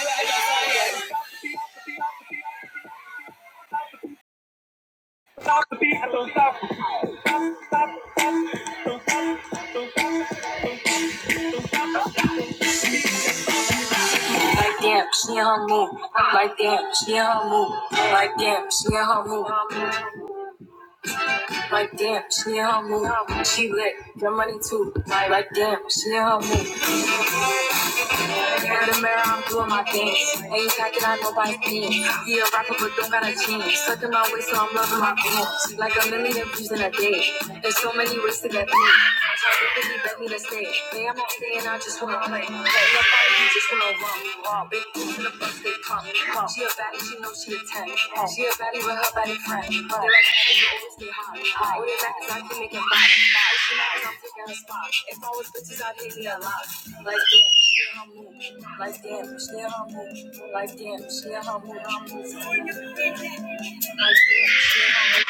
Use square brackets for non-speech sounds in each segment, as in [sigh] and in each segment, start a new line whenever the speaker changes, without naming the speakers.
like no like damn, she in her move. Like damn, she in her move. Like damn, she in her move. Like damn, she in her move. She lit, your money too. Like damn, she in her move. In the mirror, I'm doing my dance. Ain't packing out nobody's pants. Yeah, a rapper, but don't got a chance. Sucking my waist, so I'm loving my pants. Like a million views in a day. There's so many ways to get paid. It's hard to me to stage. Hey, I'm not staying, I just wanna play. Hey, nobody why you just wanna run? Big boots in the bus, they pump. She a baddie, she knows she a 10. She a baddie with her baddie friend. They like that, you always stay hot. high. All they like is I keep making fun. If she knows I'm taking her spot. If I was bitches, I'd hate me a lot. Like, damn. Like that, Michelle Humble. Like that, Michelle Humble. Like I'm moving. Like that, Michelle Humble.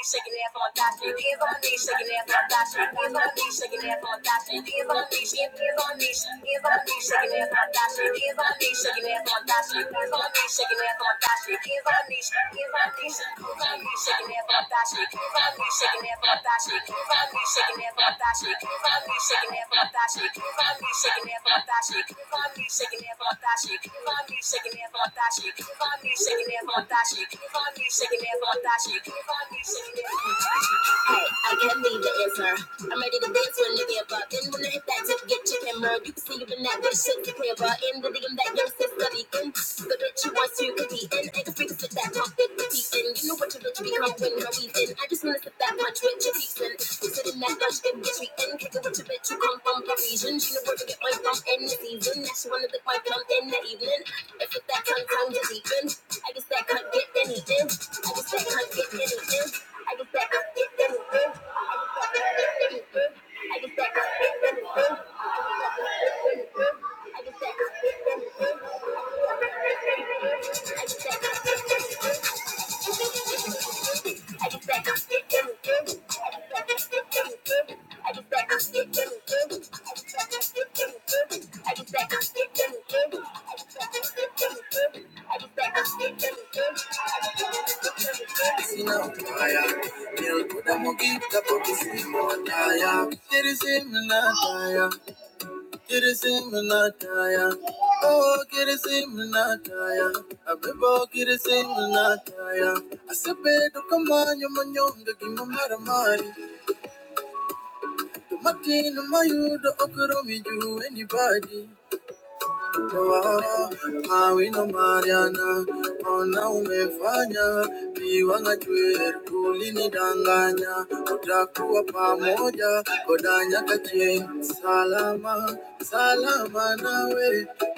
Shaking ass on that shit, hands on me, shaking ass on that shit, hands on me, shaking ass on that shit, hands on me, hands on me, hands on me, shaking ass on that shit, hands on me, shaking ass on that shit, hands on me, shaking ass on that shit, hands on me, hands on me, hands on me, shaking ass on that shit. Hey, I can't leave it her. I'm ready to dance when a nigga up. Then when I hit that tip, get your camera. You can see you been that good shit to play about. In the DM that young sis got in. The bitch you want to, you could be in. I can freak with that pump it, the in. You know what your bitch become when we're weaving. I just wanna sit that punch with your teeth in. You sit in that lunch, get bitch we in. Kick it with your bitch, you come from Parisian. She know where to get my pump in the season. Now she wanna lick my plum in the evening. If it's that tongue, tongue to deepen. I guess that can't get any in. I guess that can't get any in. I guess that can't get I just Oh, get it in Minataya. A bebo, get it in Minataya. I said, Bedo, come on, your manyom, the Gimaramari. The Matin, the Mayu, the Okoromi, you, Anybody Wow, mawino Mariana, ona umefanya viwang'achwe ulinidanganya, utakuwa pamoja kodanyakachie salama salama nawe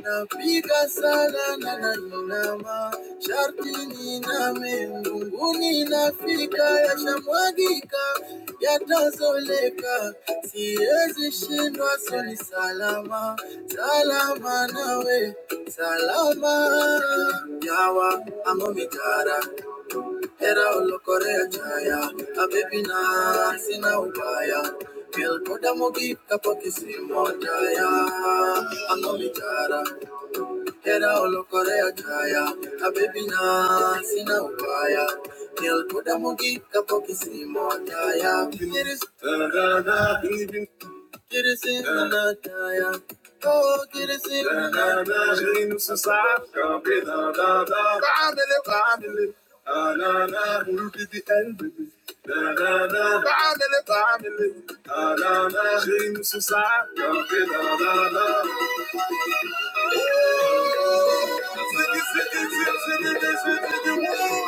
napiga salana Tazama, sharti na mbinguni nafika, yashamwagika, yatazoleka, siwezi shindwa, soni salama, salama nawe, salama yawa amo mitara hera olokorea chaya abebina sina ubaya melkodamogi kapo kisimotaya amo mitara Hera olokorea kaya habibi na sina ubaya nilikuda mugika po kisimo taya Kirisi- kirisi na na taya Oh, kirisi na na taya. Family, family. Family, family.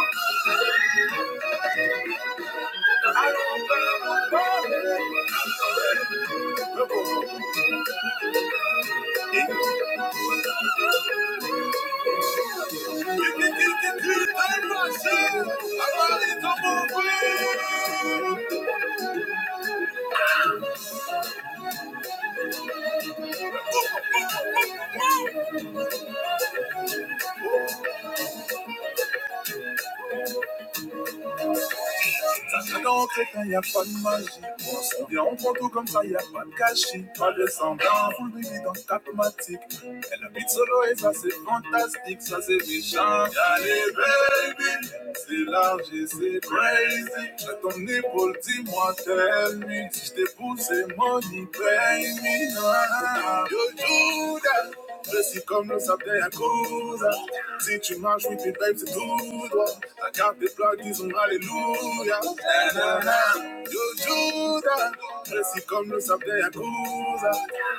Thank you. Ça craque en tête, hein, pas de magie. On on prend tout comme ça, y a pas de gâchis. Pas de semblant, full baby dans ta thématique. Elle habite solo et ça c'est fantastique, ça c'est méchant. Allez baby, c'est large et c'est crazy. J'ai ton épaule, dis-moi tell me. Si je t'ai poussé, money pay me. Ah, ah, ah. You do that. Esse commence à terre cause. Si tu marches, oui, tu pètes tout droit. La carte des plaques, disons Alléluia. Nanana, Yo, Judas. Esse commence à terre cause.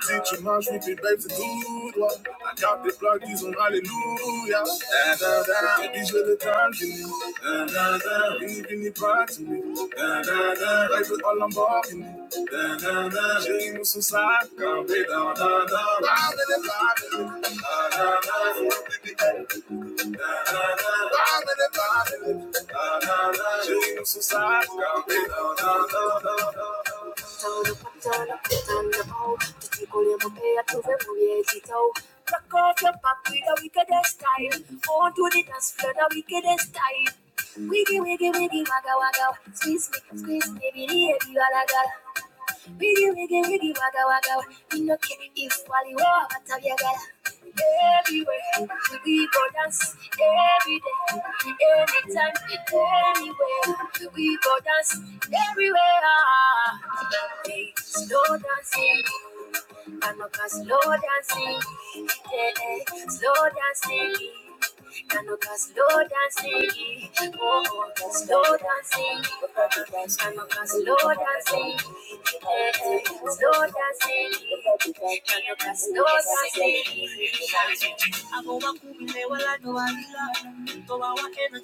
Si tu marches, oui, tu pètes tout droit. La carte des plaques, praise and hallelujah. Da, da, da. These are the times in me. Da, da, da. Any, any part in me. Da, da, da. Life is all I'm walking in. Da, da, da. Shame is inside. Can't be da, da, da. Round and round in it. Da, da, da. So I think the end. Da, da, da. Round and round Da, da, da. Shame is inside. Can't be da, da, da, da, da on the pole. The tickle in pay, I told him, Knock off your back with the wickedest style. On to the dance floor, the wickedest style. Wiggy, wiggy, wiggy, wagga, wagga. Squeeze me, squeeze me, baby, the heavy, wagga. Wiggy wiggy wiggy waga waga wa. Inoke ifwaliwa batabyagala. Everywhere we go dance every day, anytime, anywhere we go dance everywhere. Hey, slow dancing, Kanoka slow dancing, yeah, yeah, slow dancing. Kanoka slow dancing, oh, oh, slow dancing. Kanoka slow dancing. Snow dancing, snow dancing. Aboba no no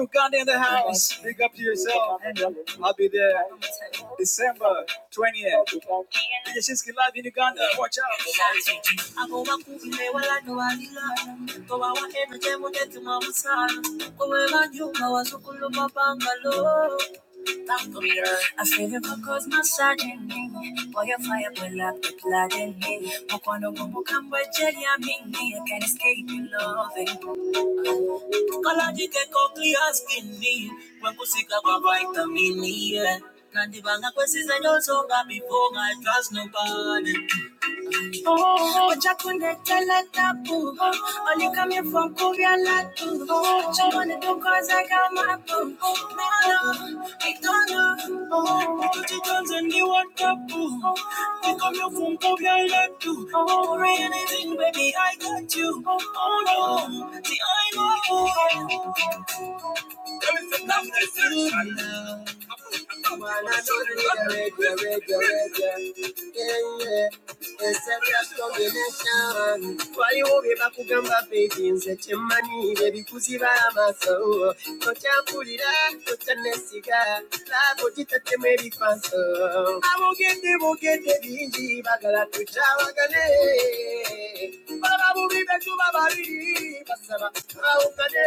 Uganda in the house. Big up to yourself. I'll be there December 20th. DJ live in Uganda. Watch out. no no I save it for cause massaging me. Boy, your fire will up the blood in me. Mokono gumu kambwe cheli ya mimi. I can't escape your loving. Kaladi get cockly asking me. When askini. Wenkusika kwa vitamini, yeah. Nandibanga kwesize nyosonga before I trust nobody. Oh, oh, Jack when they tell her that boo. Only come here from Korea, like boo. She wanna do cause I got my boo. No, no, I don't know. Oh, she turns and you want that boo. We come here from Korea, like boo. Oh, anything, baby, I got you. Oh, no, see, I know. oh, oh. twaliwo bye bakugamba peeti nze kyemmanyiire bikuziba amaaso tokyampulira tokyanesiga laabo gitattemu ebikwaso abogedde bogedde bingi bagala tukyawagane baba bubi betuba babiri basaba awukane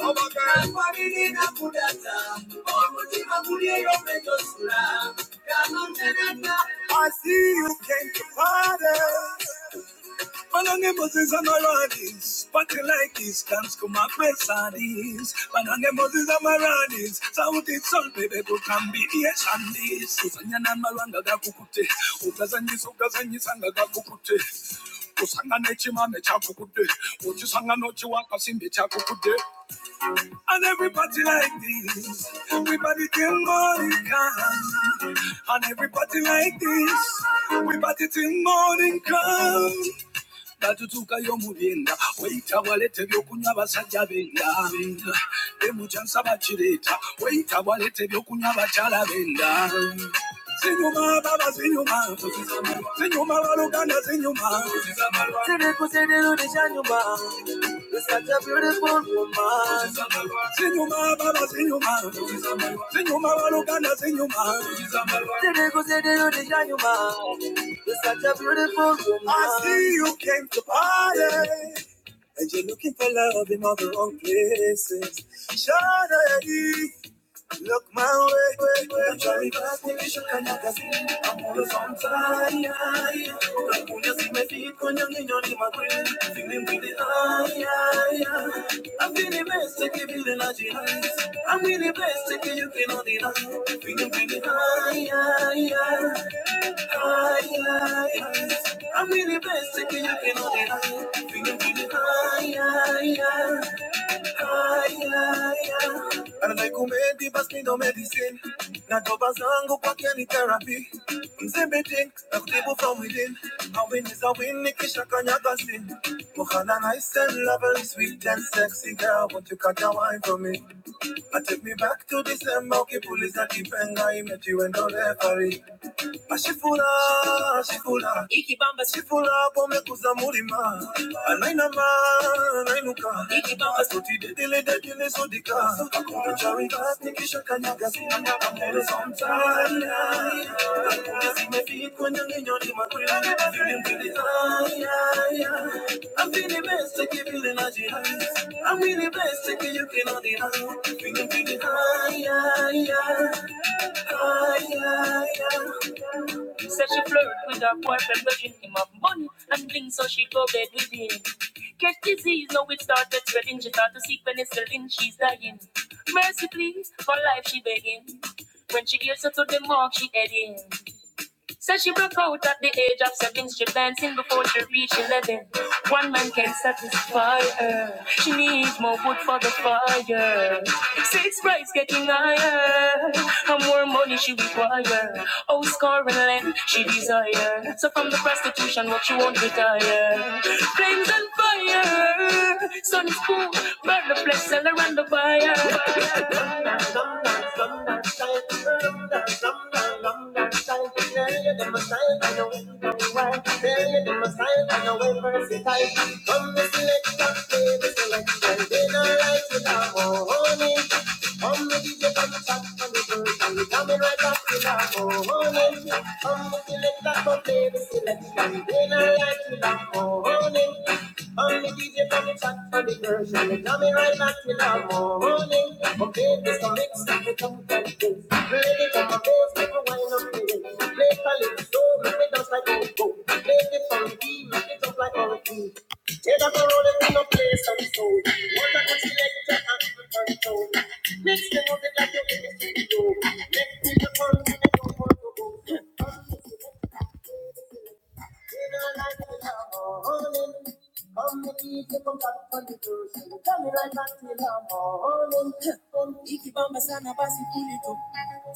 I see you came to party. Manange Moses and Maranis, party like this, dance to my pesadis. Manange Moses and Maranis, sauti sol bebe kukambi iye chandis. Kusanyana malanga gakukute, utazanyisa utazanyisa ngagakukute. usangane chimame chako kude nochi chiwakasimbe chako kude and everybody like this, everybody think morning come. And everybody like this, everybody think morning come. tatutuukayo mu byenda weyita bwalete ebyokunywa abasajja benda benda emukyansa bakireeta weyita bwalete ebyokunywa abakyala benda zinyuma baba zinyuma zinyuma baluganda zinyuma zinyuma zinyuma zinyuma Today goes in the day you are such a beautiful woman. I see you look love in all the wrong places. Shawty, look my way, way, way. I'm trying to ask if should come back as I'm all the song time. Like when you see my feet, when you're in your name, I'm Feeling with the eye, eye, I'm feeling best, take it, feeling like the eyes. I'm really best, take it, you cannot deny. Feeling with the eye, eye, eye. I'm in the best thing you can do. Feeling really high, high, high, high. Anaikumendi basi ndo medicine na doba zangu kwake ni therapy. Mzembe drink na kutibu from within. A win is a win nikisha kanyaga. Ikibamba sifu, iki feeling high, high, high. I'm feeling best, take it, feeling energy high. I'm feeling best, take it, you cannot deny. Feeling pretty high, high, high. Said she flirt with her boyfriend, but dream him of money and things, so she go bed with him. Catch disease, now it started spreading. She thought to seek penicillin, she's dying. Mercy, please, for life she begging. When she gets her to the mark, she heading. Said she broke out at the age of seven, strip dancing before she reached eleven. One man can satisfy her. She needs more wood for the fire. Six price getting higher. And more money she require. Oh, scoring land she desire. So from the prostitution, what she won't retire. Flames and fire. Sun is cool, burn the flesh, sell her and the buyer. Long time, long time, long time, long time, yeah, yeah, them a style, yeah, yeah. Next to the Ikibamba sana basi kuli tu.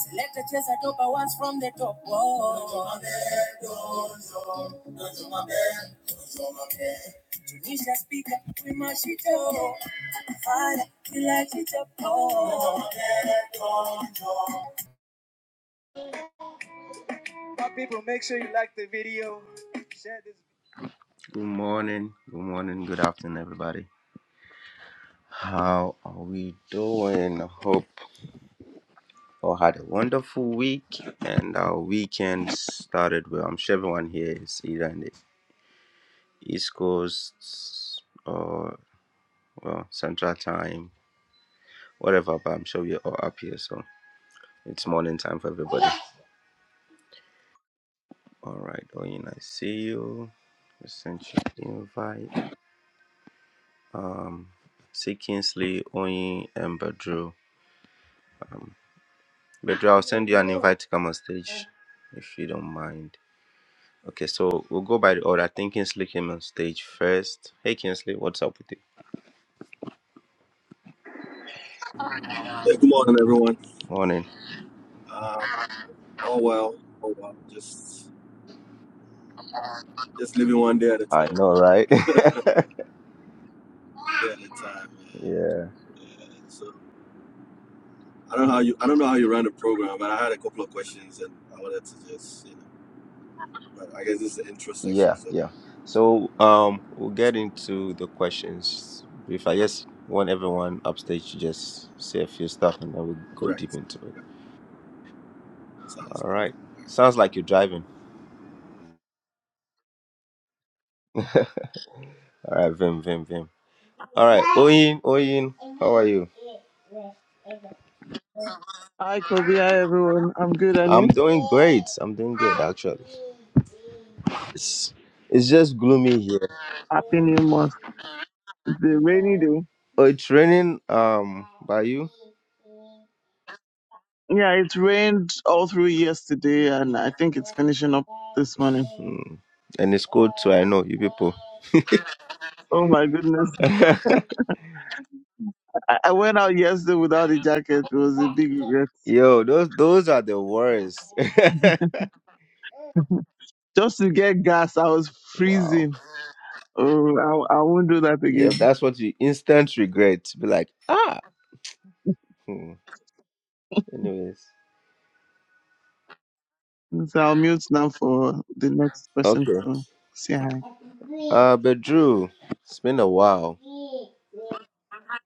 Selekta cheza dopa once from the top. Whoa. Tunisha speaker, we mash it up. Fire, we light it up. Oh. Good morning, good morning, everybody. How are we doing? I Hope. all had a wonderful week, and our weekend started well. I'm sure everyone here is either in the East Coast or well Central Time, whatever. But I'm sure we're all up here, so it's morning time for everybody. All right, Oyin, I see you. I sent you the invite. See Kingsley, Oyin, and Bedru. Bedru, I'll send you an invite to come on stage if you don't mind. Okay, so we'll go by the order. I think Kingsley came on stage first. Hey, Kingsley, what's up with you?
Yeah, good morning, everyone.
Morning.
Um, oh well, oh well. Just just living one day at a
I
time,
know, right? [laughs]
you know. [laughs] day at a time.
yeah,
man. Yeah. So I don't know how you I don't know how you run the program, but I had a couple of questions and I wanted to just you know. But I guess this is the intro section,
yeah,
so,
yeah. So, um, we'll
so
get into the questions. If I just want
okay,
everyone upstage to just say a few stuff, and then we'll go deep
correct.
into it.
Yeah, sounds
All
good.
right. Sounds like you're driving. All right, Vim, Vim, Vim. All right, Oyin, Oyin, how are you?
Hi, Kobe. Hi, everyone. I'm good, and
I'm
you?
doing great. I'm doing good actually. It's it's just gloomy here.
Happy New Month. It's a rainy day.
Oh, it's raining. Um, by you,
Yeah, it rained all through yesterday, and I think it's finishing up this morning.
Hmm. and it's cold too. I know you people.
Oh my goodness. I, I went out yesterday without a jacket. It was a big regret.
Yo, those those are the worst.
Just to get gas, I was
[laughs] wow.
freezing. Oh, I, I won't do that
Yeah,
again.
that's what you instant regret. Be like, ah. Hmm. Anyways,
So I'll mute now for the next person
okay.
to say hi.
Uh, but Drew, it's been a while.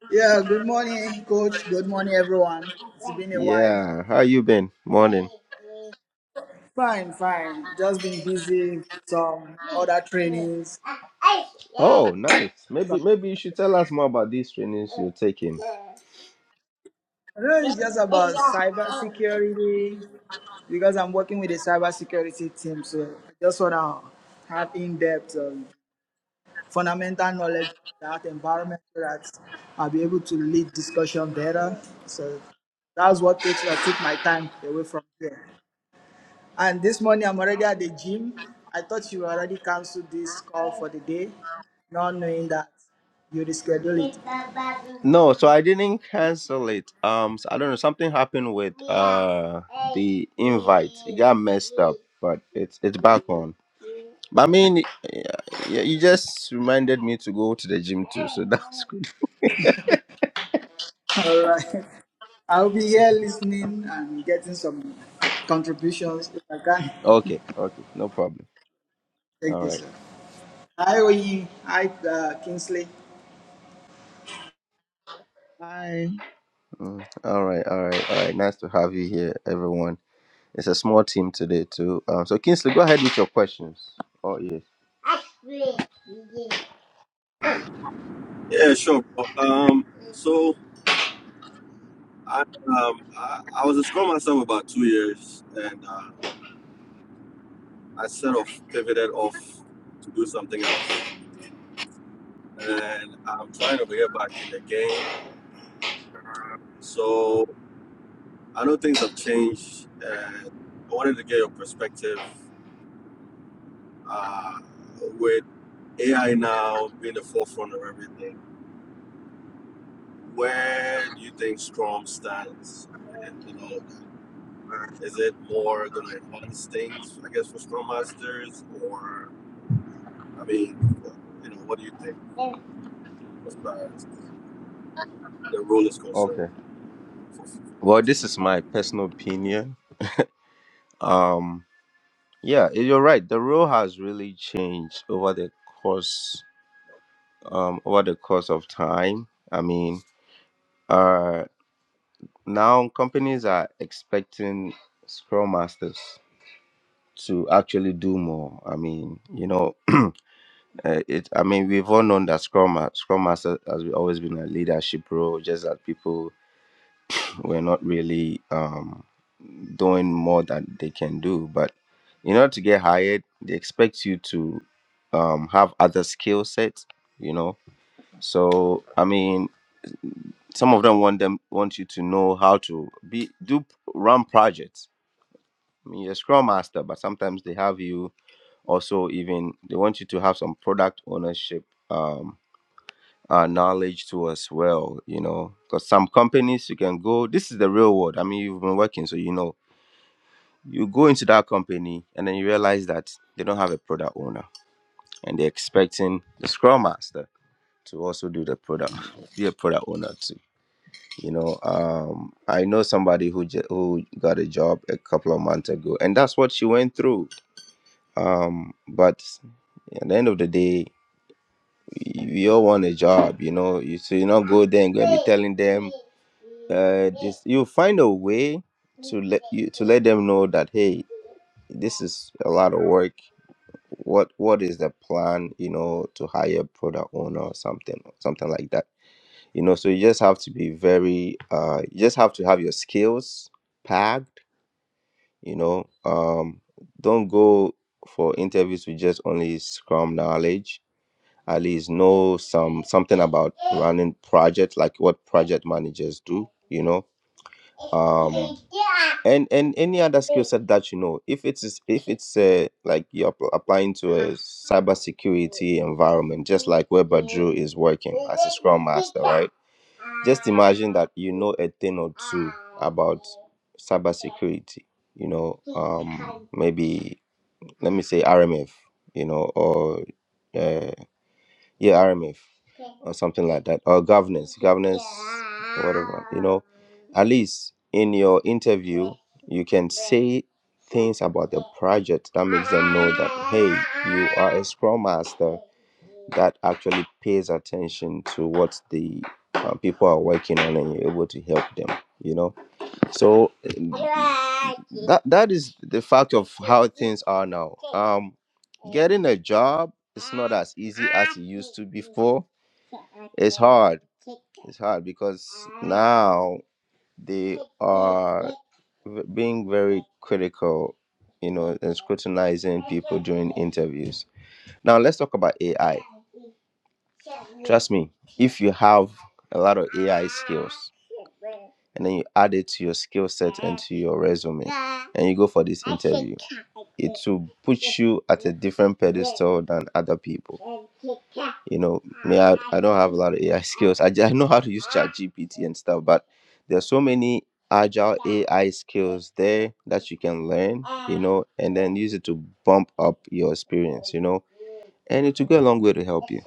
Yeah, good morning, coach. Good morning, everyone. It's been a while.
Yeah, how you been? Morning.
Fine, fine. Just been busy with some other trainings.
Oh, nice. Maybe
So,
maybe you should tell us more about these trainings you're taking.
I don't know it's just about cyber security because I'm working with the cyber security team. So I just want to have in depth um, fundamental knowledge of that environment so that I'll be able to lead discussion better. So that's what takes, uh, took my time away from here. And this morning I'm already at the gym. I thought you already canceled this call for the day, not knowing that you reschedule it.
No, so I didn't cancel it. Um, so I don't know. Something happened with, but it's it's back on. But I mean, yeah, yeah, you just reminded me to go to the gym too, so [laughs] that's good.
[laughs] All right. I'll be here listening and getting some contributions if I can.
Okay, okay, no problem.
Thank
All
you,
right,
sir. Hi, Oyi. Hi, uh, Kingsley.
Hi.
mm, all right, all right, all right. Nice to have you here, everyone. It's a small team today too. Um, so Kingsley, go ahead with your questions. Oh yes.
Yeah, sure. Um, so I um I, I was a scrum myself about two years, and uh, I sort of pivoted off to do something else and I'm trying to get back in the game. So I know things have changed, and I wanted to get your perspective uh, with AI now being the forefront of everything. Where do you think Strom stands? And, you know, is it more going to enhance things, I guess, for Scrum Masters, or I mean, you know, what do you think as far as the role is concerned?
Okay.
For-
Well, this is my personal opinion. Um, yeah, eh, you're right. The role has really changed over the course um over the course of time. I mean, uh, now companies are expecting scrum masters to actually do more i mean you know uh, it i mean we've all known that scrum Ma- scrum master has always been a leadership role just that people were not really um doing more than they can do. But in order to get hired, they expect you to um, have other skill sets, you know. So I mean, some of them want them want you to know how to be do run projects. I mean, you're a scrum master, but sometimes they have you also even they want you to have some product ownership um, uh, knowledge too as well, you know, because some companies you can go. This is the real world. I mean, you've been working, so you know You go into that company and then you realize that they don't have a product owner and they're expecting the scrum master to also do the product, be a product owner too. You know, um, I know somebody who j- who got a job a couple of months ago, and that's what she went through. Um, but at the end of the day, we we all want a job, you know. You so you not go there and go and be telling them uh this you find a way to let you to let them know that hey, this is a lot of work what what is the plan you know to hire a product owner or something something like that you know so you just have to be very uh you just have to have your skills packed you know um don't go for interviews with just only scrum knowledge at least know some something about running projects like what project managers do you know Um and and any other skill set that you know if it's if it's uh, like you're app- applying to a cybersecurity environment just like where Badru is working as a scrum master right just imagine that you know a thing or two about cybersecurity you know um maybe let me say RMF you know or uh, yeah RMF or something like that, or governance, governance, whatever. You know, at least in your interview, you can say things about the project that makes them know that hey, you are a scrum master that actually pays attention to what the uh, people are working on, and you're able to help them. You know, so that that is the fact of how things are now. Um, getting a job is not as easy as it used to before. It's hard. It's hard because now they are v- being very critical, you know, and scrutinizing people during interviews. Now let's talk about AI. Trust me, if you have a lot of AI skills, and then you add it to your skill set and to your resume and you go for this interview it will put you at a different pedestal than other people you know me i, I don't have a lot of ai [laughs] skills I, just, I know how to use ChatGPT and stuff but there's so many agile ai skills there that you can learn you know and then use it to bump up your experience you know and it will go a long way to help you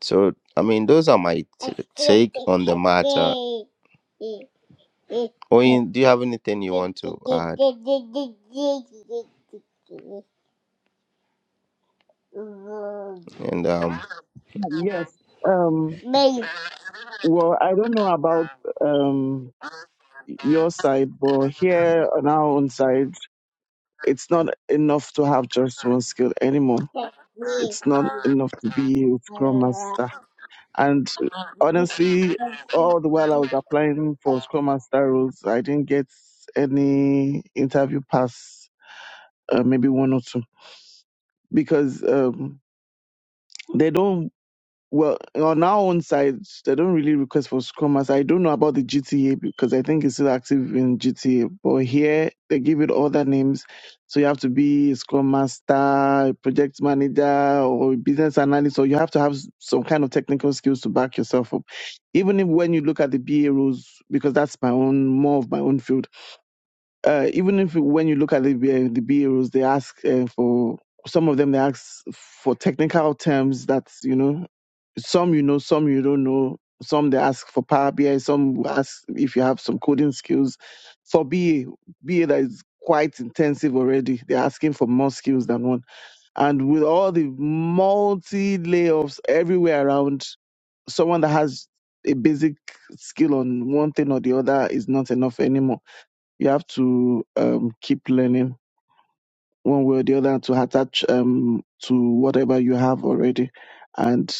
so i mean those are my t- take on the matter Oyin, do you have anything you want to add? And um,
Yes. Um. Well, I don't know about um your side, but here on our own side, it's not enough to have just one skill anymore. It's not enough to be a Scrum Master. And honestly, all the while I was applying for Scrum Master roles, I didn't get any interview pass, uh, maybe one or two, because um, they don't Well, on our own side, they don't really request for Scrum Master. I don't know about the GTA because I think it's still active in GTA. But here, they give it other names. So you have to be a Scrum Master, a project manager, or a business analyst, So you have to have s- some kind of technical skills to back yourself up. Even if when you look at the BA roles, because that's my own, more of my own field, uh, even if when you look at the, BA the BA roles, they ask uh, for some of them they ask for technical terms that you know some you know, some you don't know. Some they ask for Power BI, some ask if you have some coding skills. For BA, BA that is quite intensive already. They're asking for more skills than one. And with all the multi layoffs everywhere around, someone that has a basic skill on one thing or the other is not enough anymore. You have to um, keep learning one way or the other to attach um to whatever you have already. And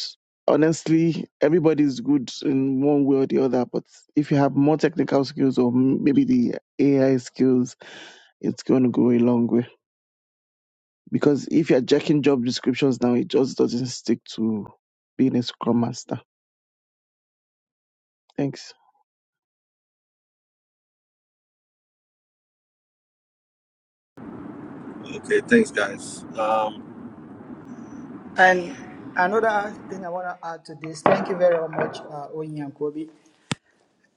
honestly, everybody's good in one way or the other. But if you have more technical skills or m- maybe the AI skills, it's going to go a long way. Because if you're checking job descriptions now, it just doesn't stick to being a scrum master. Thanks.
Okay, thanks, guys. Um,
And another thing I want to add to this, thank you very much, uh, Oyin and Kobe.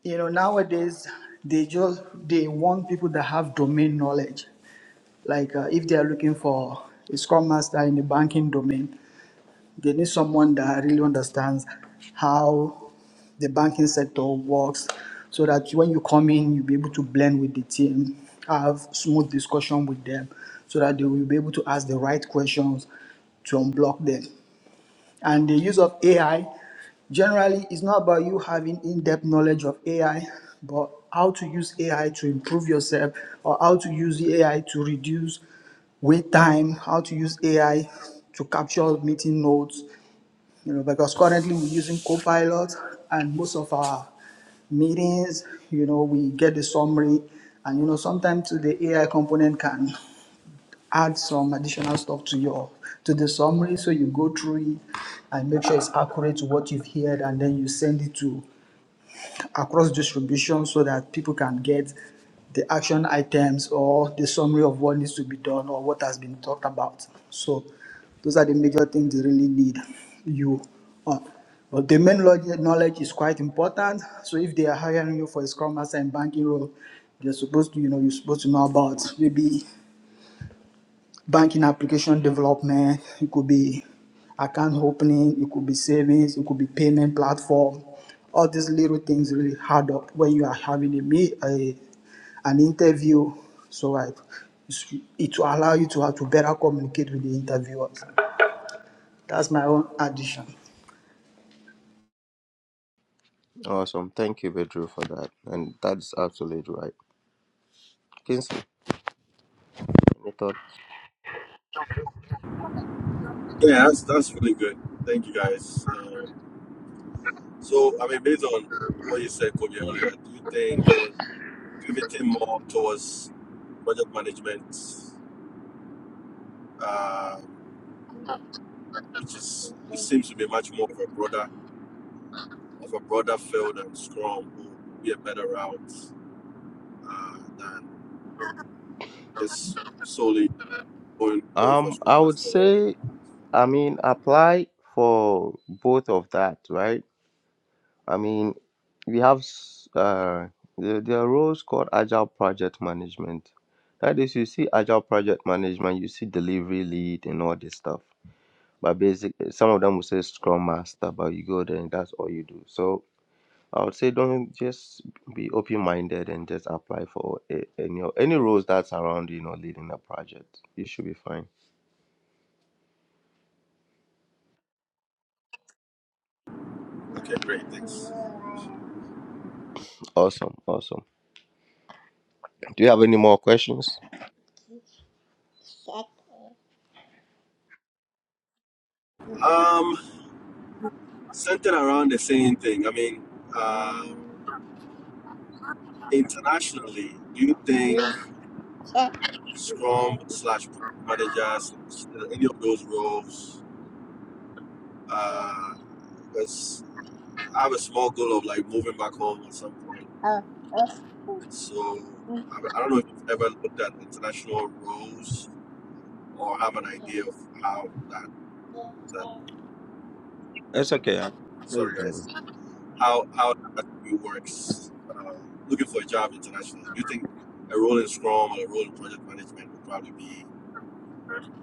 You know, nowadays they just they want people that have domain knowledge. Like uh, if they are looking for a scrum master in the banking domain, they need someone that really understands how the banking sector works so that when you come in, you'll be able to blend with the team, have smooth discussion with them so that they will be able to ask the right questions to unblock them. And the use of AI generally is not about you having in depth knowledge of AI, but how to use AI to improve yourself or how to use the AI to reduce wait time, how to use AI to capture meeting notes, you know, because currently we're using Copilot and most of our meetings, you know, we get the summary and you know sometimes the AI component can add some additional stuff to your to the summary so you go through it and make sure it's accurate to what you've heard and then you send it to across distribution so that people can get the action items or the summary of what needs to be done or what has been talked about so those are the major things you really need you uh, but the main lo- knowledge is quite important so if they are hiring you for a scrum master and banking role you're supposed to you know you're supposed to know about maybe banking application development, it could be account opening, it could be savings, it could be payment platform. All these little things really add up when you are having a meet, a, an interview. So I, it's- it will allow you to have to better communicate with the interviewers. That's my own addition.
awesome. Thank you, Bedru, for that. And that's absolutely right. Kinsley, any thought?
Yeah, that's that's really good. Thank you guys. Um, so, I mean, based on what you said, Kobe, earlier, do you think pivoting more towards project management, uh, which is it seems to be much more of a broader of a broader field than Scrum, will be a better route uh, than just solely going going for
Um, I
Scrum
would
Master role?
say, I mean, apply for both of that, right? I mean, we have s- uh, there, there are roles called agile project management. Nowadays, you see agile project management, you see delivery lead and all this stuff. But basically, some of them will say scrum master, but you go there and that's all you do. So I would say don't just be open minded and just apply for a- any any roles that's around you know leading a project. You should be fine.
Okay, great, thanks.
Awesome, awesome. Do you have any more questions?
Um, centered around the same thing. I mean, um,
Mm,
internationally, do you think?
eh, eh,
Scrum slash managers, any of those roles.
oh,
Uh, because I have a small goal of like moving back home at some point.
oh,
So I, I don't know if you've ever looked at international roles or have an idea of how that that
It's [laughs] okay.
sorry guys how how that actually works. Uh, looking for a job internationally. Do you think a role in Scrum or a role in project management would probably be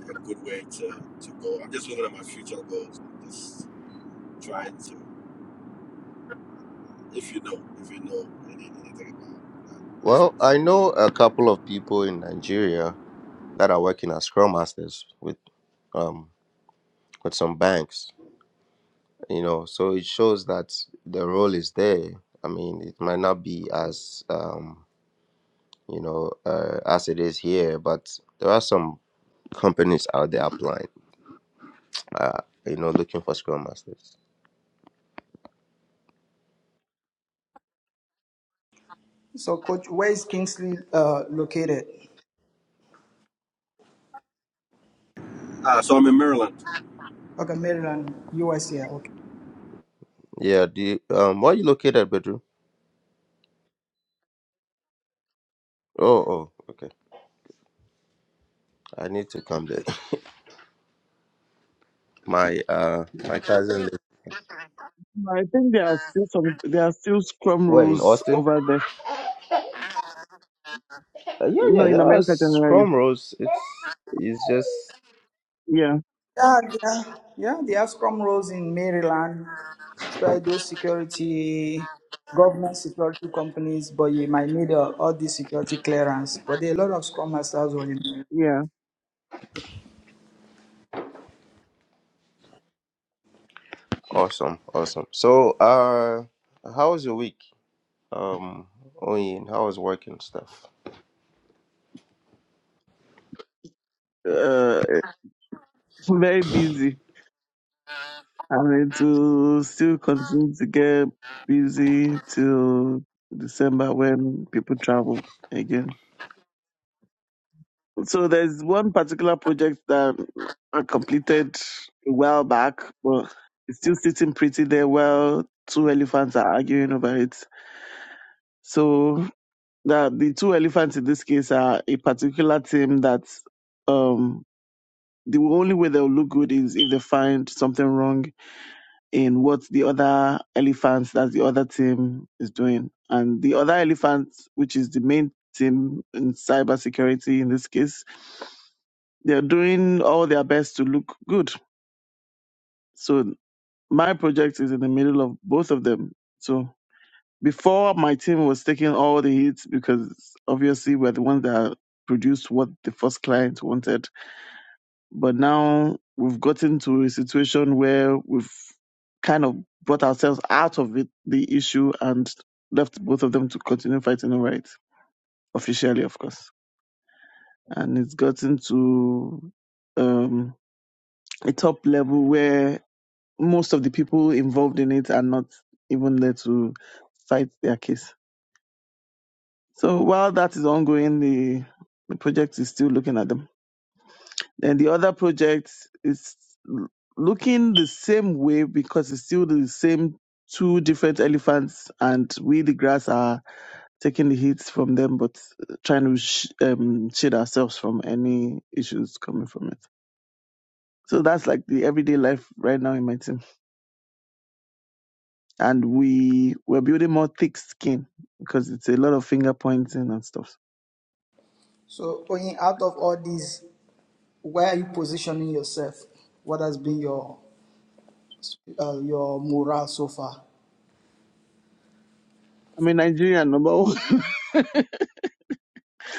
a good way to, to go? I'm just looking at my future goals. I'm Just trying to. if you know, if you know anything about that
Well,
space.
I know a couple of people in Nigeria that are working as scrum masters with um with some banks, you know, so it shows that the role is there. I mean, it might not be as um, you know, uh, as it is here, but there are some companies out there applying, uh, you know, looking for scrum masters.
So, coach, where is Kingsley uh, located?
Ah, so I'm in Maryland.
Okay, Maryland, USA. Okay.
Yeah, the um where are you located, Bedroom? Oh, oh, okay. I need to come there. [laughs] My uh my cousin
I think there are still some there are still scrum
where in
rules
Austin?
over there.
Uh, yeah,
No,
yeah,
in
there are
America generally.
scrum rules. It's it's just
Yeah,
Yeah, yeah. yeah, they have scrum roles in Maryland, especially those security, government security companies, but you might need uh, all this security clearance. But there are a lot of scrum masters on
yeah.
awesome, awesome. So, uh, how was your week? Um, Oyin, how was work and stuff?
very busy. and it will still continue to get busy till December when people travel again. So there's one particular project that I completed a while back, but it's still sitting pretty there while two elephants are arguing over it. So the, the two elephants in this case are a particular team that um, the only way they'll look good is if they find something wrong in what the other elephants, that's the other team, is doing. And the other elephant, which is the main team in cybersecurity in this case, they're doing all their best to look good. So my project is in the middle of both of them. So before my team was taking all the hits because obviously we're the ones that produced what the first client wanted but now we've gotten to a situation where we've kind of brought ourselves out of it, the issue and left both of them to continue fighting over it officially, of course. And it's gotten to um, a top level where most of the people involved in it are not even there to fight their case. So while that is ongoing, the the project is still looking at them. And the other project is l- looking the same way because it's still the same two different elephants, and we, the grass, are taking the hits from them, but uh, trying to sh- um, shield ourselves from any issues coming from it. So that's like the everyday life right now in my team. And we, we're building more thick skin because it's a lot of finger pointing and stuff.
So, Oyin, out of all these, where are you positioning yourself? What has been your uh, your morale so far?
I am a Nigerian number one,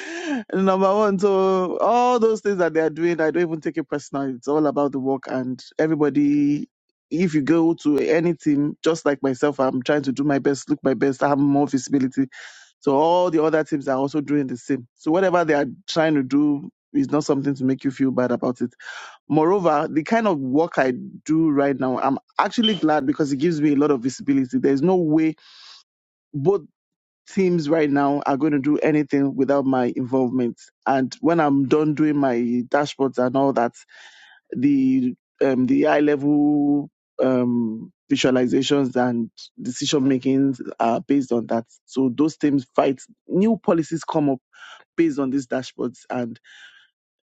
[laughs] number one. So all those things that they are doing, I don't even take it personal. It's all about the work and everybody. If you go to any team, just like myself, I'm trying to do my best, look my best, I have more visibility. So all the other teams are also doing the same. So whatever they are trying to do is not something to make you feel bad about it. Moreover, the kind of work I do right now, I'm actually glad because it gives me a lot of visibility. There's no way both teams right now are going to do anything without my involvement. And when I'm done doing my dashboards and all that, the um, the eye level um, visualizations and decision makings are based on that. So those teams fight. New policies come up based on these dashboards, and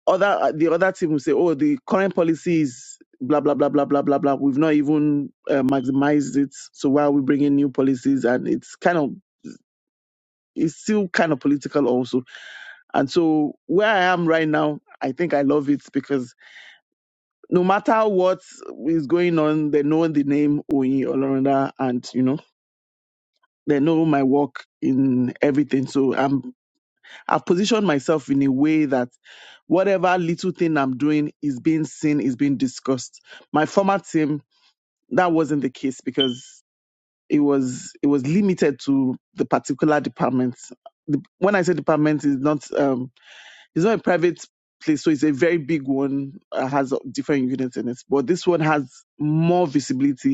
other the other team will say, "Oh, the current policy is blah blah blah blah blah blah blah. We've not even uh, maximized it. So why are we bringing new policies?" And it's kind of it's still kind of political also. And so where I am right now, I think I love it because no matter what is going on, they know the name Oyin Olorunda, and you know they know my work in everything. So I'm I've positioned myself in a way that whatever little thing I'm doing is being seen, is being discussed. My former team, that wasn't the case because it was it was limited to the particular department. When I say department, is not um, it's not a private place, so it's a very big one. Uh, has different units in it, but this one has more visibility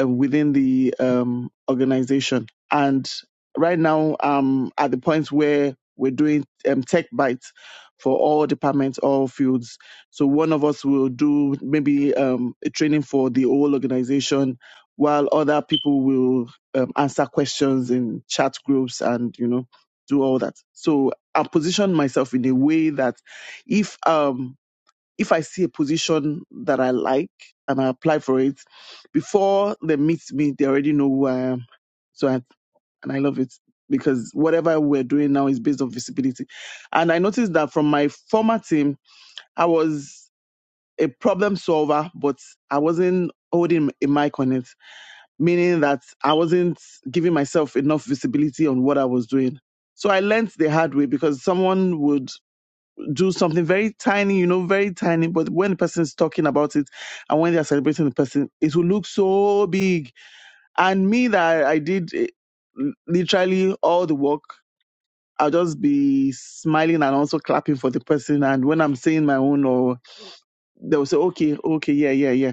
uh, within the um, organization. And right now, um, at the point where we're doing um, tech bites for all departments, all fields. So one of us will do maybe um, a training for the whole organization, while other people will um, answer questions in chat groups and you know do all that. So I position myself in a way that if um, if I see a position that I like and I apply for it, before they meet me, they already know who I am. So I, and I love it because whatever we're doing now is based on visibility. And I noticed that from my former team, I was a problem solver, but I wasn't holding a mic on it, meaning that I wasn't giving myself enough visibility on what I was doing. So I learned the hard way because someone would do something very tiny, you know, very tiny. But when the person is talking about it and when they are celebrating the person, it will look so big. And me that I, I did eh, literally all the work, I'll just be smiling and also clapping for the person. And when I'm saying my own, or they'll say, okay, okay, yeah, yeah, yeah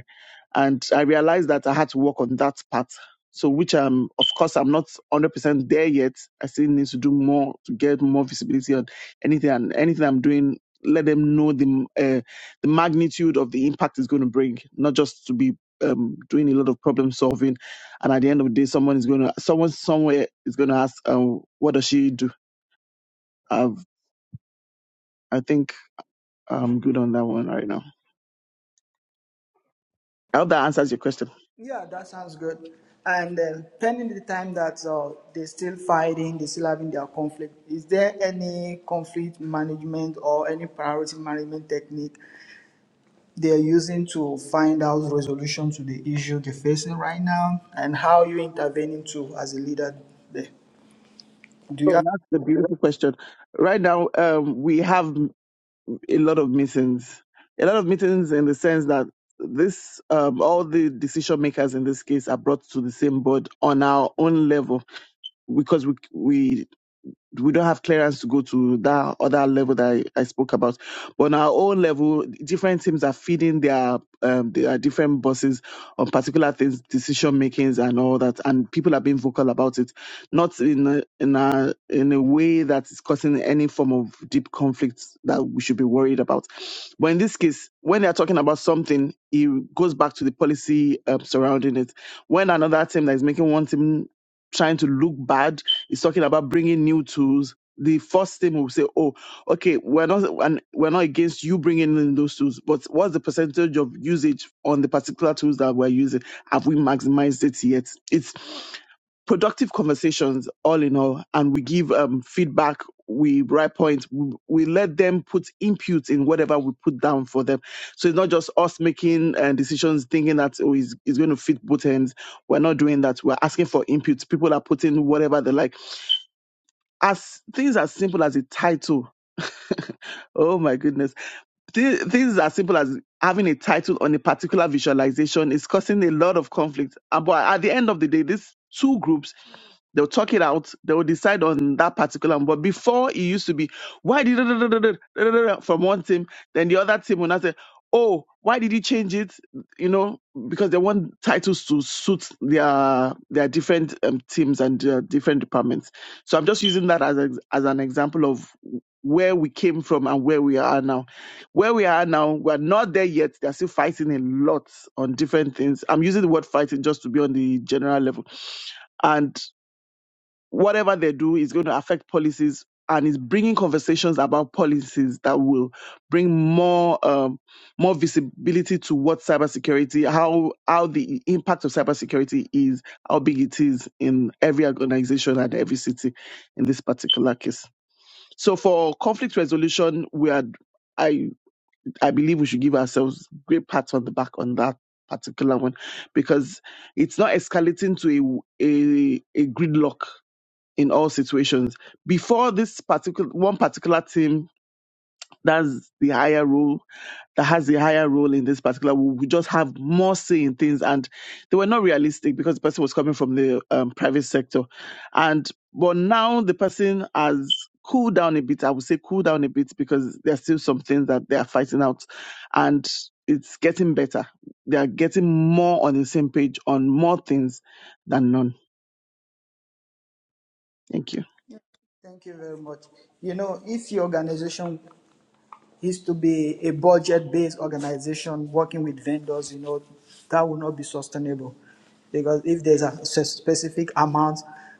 and I realized that I had to work on that part. So, which um, of course, I'm not 100% there yet. I still need to do more to get more visibility on anything and anything I'm doing. Let them know the uh, the magnitude of the impact it's going to bring, not just to be um, doing a lot of problem solving. And at the end of the day, someone is going to someone somewhere is going to ask, um, "What does she do?" I've, I think I'm good on that one right now. I hope that answers your question.
Yeah, that sounds good. And uh, pending the time that uh, they're still fighting, they're still having their conflict, is there any conflict management or any priority management technique they're using to find out resolution to the issue they're facing right now? And how you intervening to as a leader there? Do you
So
have
that's the beautiful question. Right now, um, we have a lot of meetings, a lot of meetings in the sense that this, um, all the decision makers in this case are brought to the same board on our own level because we we we don't have clearance to go to that other level that I, I spoke about. But on our own level, different teams are feeding their um, their different bosses on particular things, decision makings, and all that. And people are being vocal about it, not in a, in a in a way that is causing any form of deep conflict that we should be worried about. But in this case, when they are talking about something, it goes back to the policy um, surrounding it. When another team that is making one team trying to look bad it's talking about bringing new tools. The first thing we'll say, oh, okay, we're not and we're not against you bringing in those tools, but what's the percentage of usage on the particular tools that we're using? Have we maximized it yet? It's productive conversations, all in all, and we give um, feedback. We write points. We, we let them put input in whatever we put down for them. So it's not just us making uh, decisions, thinking that oh, it's, it's going to fit both ends. We're not doing that. We're asking for input. People are putting whatever they like as things as simple as a title. [laughs] oh my goodness. Thi- Things as simple as having a title on a particular visualization is causing a lot of conflict. Uh, But at the end of the day, these two groups, they'll talk it out, they'll decide on that particular one. But before it used to be, why did [laughs] from one team, then the other team will not say, oh, why did you change it? you know, because they want titles to suit their their different um, teams and their different departments. So I'm just using that as a, as an example of where we came from and where we are now. Where we are now, we're not there yet. They're still fighting a lot on different things. I'm using the word fighting just to be on the general level. And whatever they do is going to affect policies and is bringing conversations about policies that will bring more um, more visibility to what cybersecurity, how how the impact of cybersecurity is, how big it is in every organization and every city in this particular case. So for conflict resolution, we are I I believe we should give ourselves great pat on the back on that particular one because it's not escalating to a a, a gridlock in all situations. Before this particular one particular team that's the higher role that has the higher role in this particular will will just have more say in things and they were not realistic because the person was coming from the um, private sector and but now the person has cooled down a bit i would say cool down a bit because there are still some things that they are fighting out and it's getting better they are getting more on the same page on more things than none thank you
Thank you very much. You know, if your organization is to be a budget based organization working with vendors, you know, that will not be sustainable. Because if there's a specific amount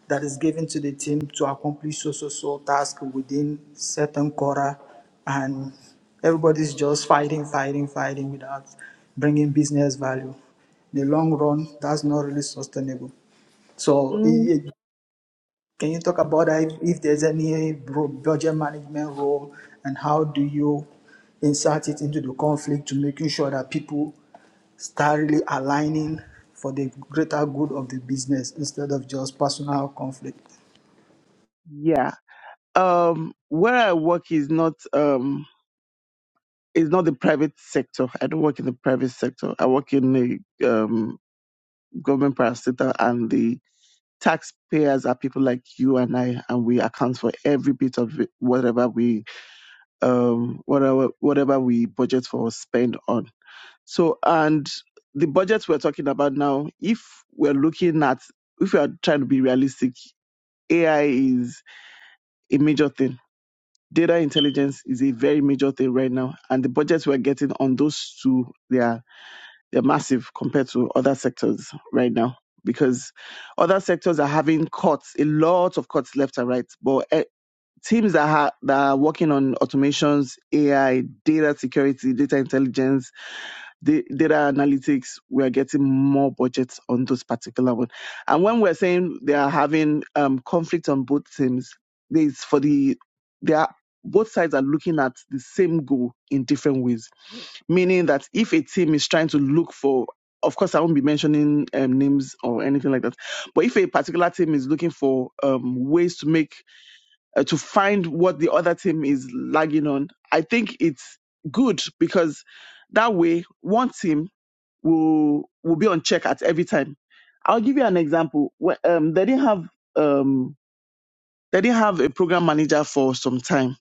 that is given to the team to accomplish so so so task within certain quarter, and everybody's just fighting, fighting, fighting without bringing business value, in the long run, that's not really sustainable. So
Mm,
it, can you talk about that if, if there's any ro- budget management role and how do you insert it into the conflict to making sure that people start really aligning for the greater good of the business instead of just personal conflict?
yeah um where I work is not um is not the private sector. I don't work in the private sector. I work in the um government parastatal and the taxpayers are people like you and I and we account for every bit of it, whatever we um whatever whatever we budget for or spend on. So and the budget we're talking about now, if we're looking at if we are trying to be realistic, AI is a major thing data intelligence is a very major thing right now, and the budgets we're getting on those two, they are they're massive compared to other sectors right now because other sectors are having cuts, a lot of cuts left and right. But eh, teams that, ha- that are working on automations, AI, data security, data intelligence, the data analytics, we are getting more budgets on those particular ones. And when we're saying they are having um, conflict on both teams, it's for the they are both sides are looking at the same goal in different ways. Meaning that if a team is trying to look for, of course, I won't be mentioning um, names or anything like that. But if a particular team is looking for um, ways to make uh, to find what the other team is lagging on, I think it's good because that way one team will will be on check at every time. I'll give you an example. When- Um, they didn't have um, they didn't have a program manager for some time.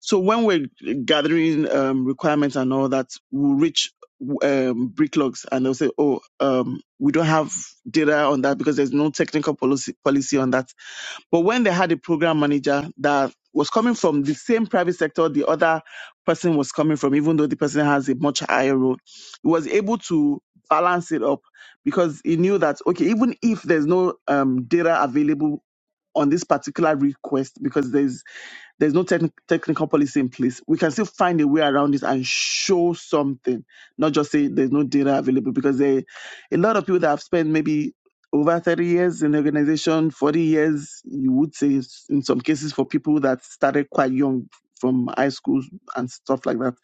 So when we're gathering um, requirements and all that, we'll reach um, bricklogs and they'll say, "Oh, um, we don't have data on that because there's no technical policy policy on that." But when they had a program manager that was coming from the same private sector the other person was coming from, even though the person has a much higher role, he was able to balance it up because he knew that, okay, even if there's no um, data available on this particular request, because there's there's no techni- technical policy in place, we can still find a way around it and show something, not just say there's no data available. Because there, a lot of people that have spent maybe over 30 years in the organization, 40 years, you would say s- in some cases for people that started quite young from high schools and stuff like that.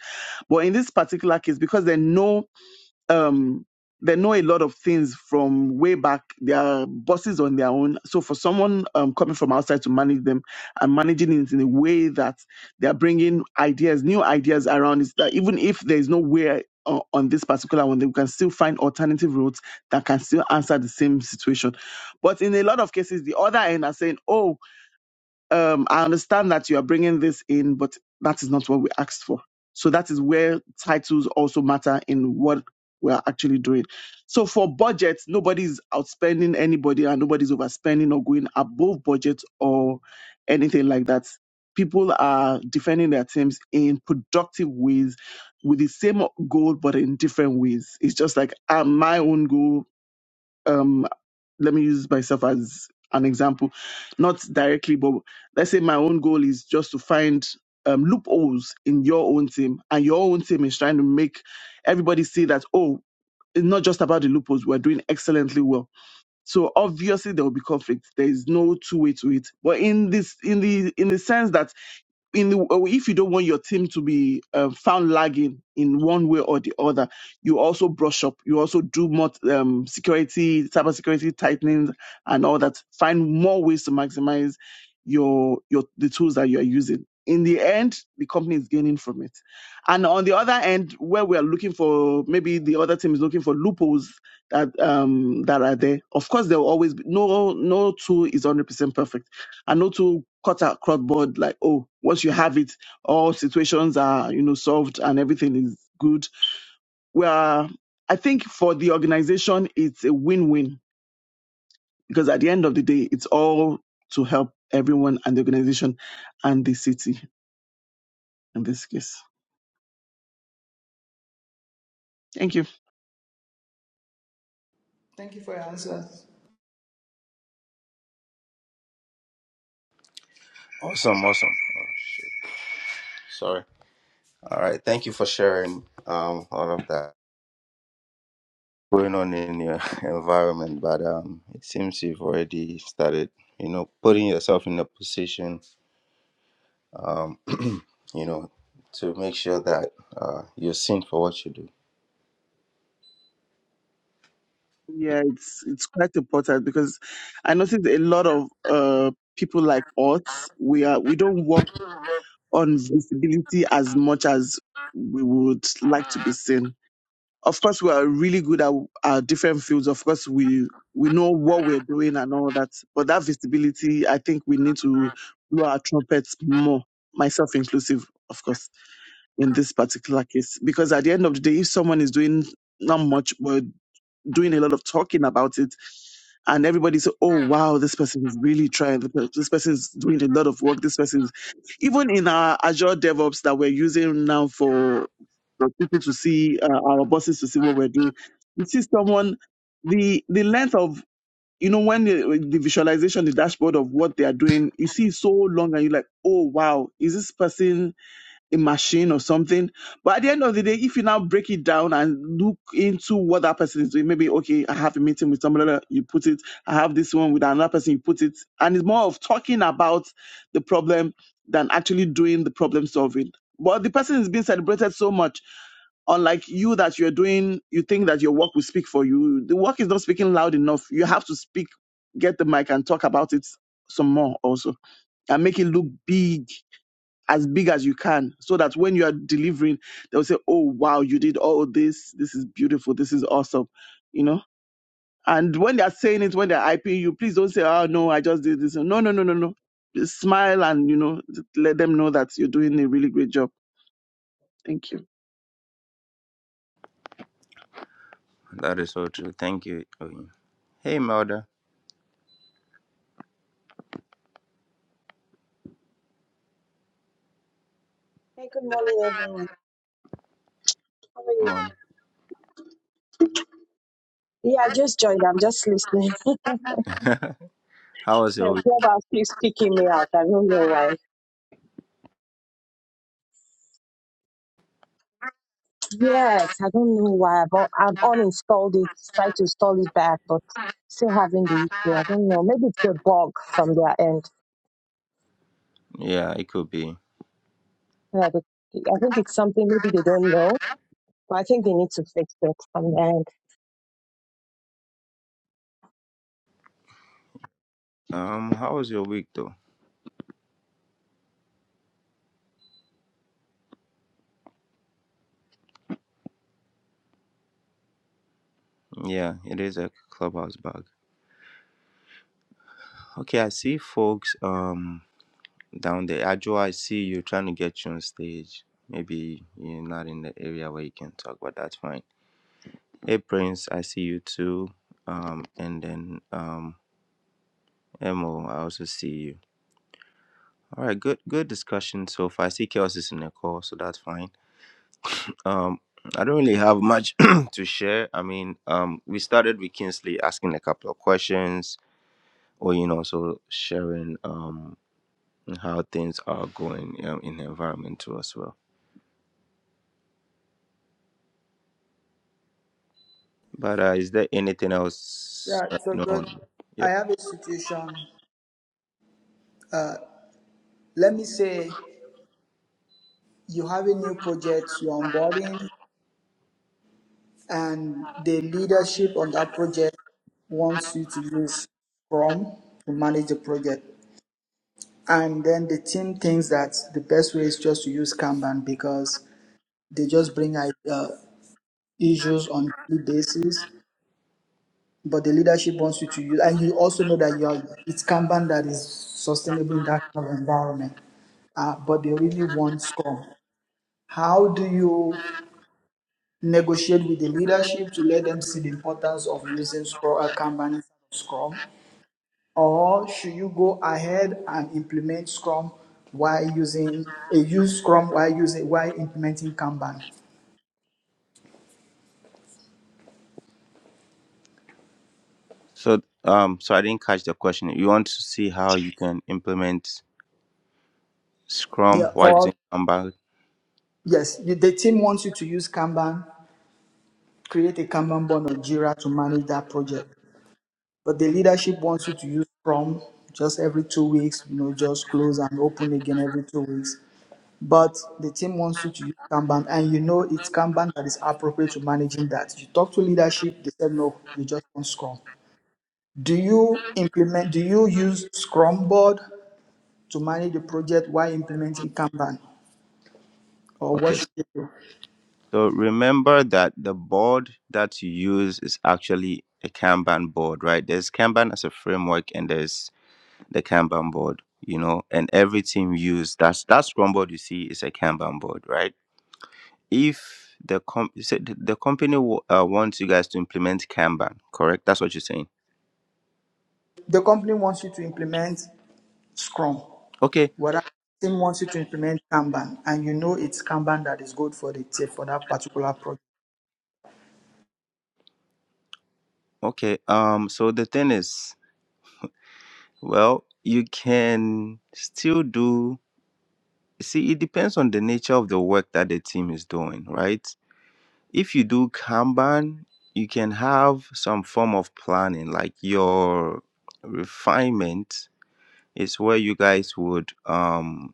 But in this particular case, because they know um, they know a lot of things from way back. They are bosses on their own. So for someone um, coming from outside to manage them and managing it in a way that they are bringing ideas, new ideas around is that even if there is no way uh, on this particular one, they can still find alternative routes that can still answer the same situation. But in a lot of cases, the other end are saying, "Oh, um, I understand that you are bringing this in, but that is not what we asked for. So that is where titles also matter in what we are actually doing. So for budget, nobody is outspending anybody and nobody's overspending or going above budget or anything like that. People are defending their teams in productive ways with the same goal, but in different ways. It's just like uh, my own goal. Um, let me use myself as an example, not directly, but let's say my own goal is just to find um, loopholes in your own team, and your own team is trying to make everybody see that oh, it's not just about the loopholes. We're doing excellently well. So obviously there will be conflict. There is no two way to it. But in this, in the in the sense that in the, uh, if you don't want your team to be uh, found lagging in one way or the other, you also brush up. You also do more um, security, cybersecurity tightening, and all that. Find more ways to maximize your your the tools that you are using. In the end, the company is gaining from it. And on the other end, where we are looking for maybe the other team is looking for loopholes that um that are there. Of course, there will always be no no tool is one hundred percent perfect and not to cut across board like, oh, once you have it, all situations are, you know, solved and everything is good. Where I think for the organization, it's a win-win because at the end of the day, it's all to help everyone and the organization and the city in this case. Thank you.
Thank you for your answers.
Awesome, awesome. Oh shit, sorry. All right, thank you for sharing um all of that going on in your [laughs] environment, but um, it seems you've already started, you know, putting yourself in a position, um, [clears throat] you know, to make sure that uh you're seen for what you do
Yeah, it's it's quite important because I noticed a lot of uh people like us, we are we don't work on visibility as much as we would like to be seen Of course, we are really good at our different fields. Of course, we we know what we're doing and all that. But that visibility, I think we need to blow our trumpets more, myself inclusive, of course, in this particular case. Because at the end of the day, if someone is doing not much, but doing a lot of talking about it and everybody said, "Oh wow, this person is really trying. This this person is doing a lot of work. This person is even in our Azure DevOps that we're using now for for people to see uh, our bosses to see what we're doing. You see someone the the length of you know when the, the visualization, the dashboard of what they are doing, you see so long, and you're like, "Oh wow, is this person?" a machine or something. But at the end of the day, if you now break it down and look into what that person is doing, maybe okay, I have a meeting with somebody, you put it. I have this one with another person, you put it, and it's more of talking about the problem than actually doing the problem solving. But the person is being celebrated so much, unlike you that you're doing, you think that your work will speak for you. The work is not speaking loud enough. You have to speak, get the mic, and talk about it some more also, and make it look big as big as you can so that when you are delivering they'll say oh wow you did all this this is beautiful this is awesome you know and when they're saying it when they're hyping you please don't say oh no i just did this no no no no no just smile and you know let them know that you're doing a really great job thank you
That is so true. Thank you. Oyin. Hey, Melda.
Hey, good morning, everyone. How are you? Yeah, I just joined. I'm just listening. [laughs]
How was
Yeah,
your week?
Clubhouse keeps kicking me out. I don't know why. Yes, I don't know why. I've, un- I've uninstalled it, tried to install it back, but still having the issue. I don't know. Maybe it's a bug from their end.
Yeah, it could be.
Yeah, the, I think it's something maybe they don't know, but I think they need to fix it from their end.
Um, how was your week though? Yeah, it is a clubhouse bug. Okay, I see folks um down there. Ajo, I see you trying to get you on stage. Maybe you're not in the area where you can talk, but that's fine. Hey, Prince, I see you too. Um, and then um, Emo, I also see you. All right, good good discussion so far. I see Chaos is in the call, so that's fine. Um, I don't really have much [clears throat] to share. I mean, um, we started with Kingsley asking a couple of questions, or you know, so sharing um how things are going um, in the environment too as well. But uh, is there anything else?
Yeah,
uh, You
so
know,
good.
on-
I have a situation. Uh, let me say you have a new project, you're onboarding. and the leadership on that project wants you to use Scrum to manage the project. And then the team thinks that the best way is just to use Kanban because they just bring uh, issues on daily basis. But the leadership wants you to use, and you also know that you are it's Kanban that is sustainable in that kind of environment. Uh, but they really want Scrum. How do you negotiate with the leadership to let them see the importance of using Scrum, uh, Kanban instead of Scrum? Or should you go ahead and implement Scrum while using, uh, use Scrum while using, while implementing Kanban?
so um, so I didn't catch the question. You want to see how you can implement Scrum
Yeah,
while
or
using Kanban?
yes, the, the team wants you to use Kanban, create a Kanban board or Jira to manage that project. But the leadership wants you to use Scrum just every two weeks, you know, just close and open again every two weeks. but the team wants you to use Kanban, and you know it's Kanban that is appropriate to managing that. You talk to leadership, they said no, you just want Scrum. Do you implement? Do you use Scrum board to manage the project while implementing Kanban, or what
Okay,
should you do?
so remember that the board that you use is actually a Kanban board, right? There's Kanban as a framework, and there's a Kanban board, you know, and every team use that's that board you see is a Kanban board, right? If the comp say the the company w- uh, wants you guys to implement Kanban,
The company wants you to implement Scrum,
okay,
whereas the team wants you to implement Kanban, and you know it's Kanban that is good for the team for that particular project.
okay. Um, so the thing is, well, you can still do. See, it depends on the nature of the work that the team is doing, right? If you do Kanban, you can have some form of planning, like your refinement is where you guys would um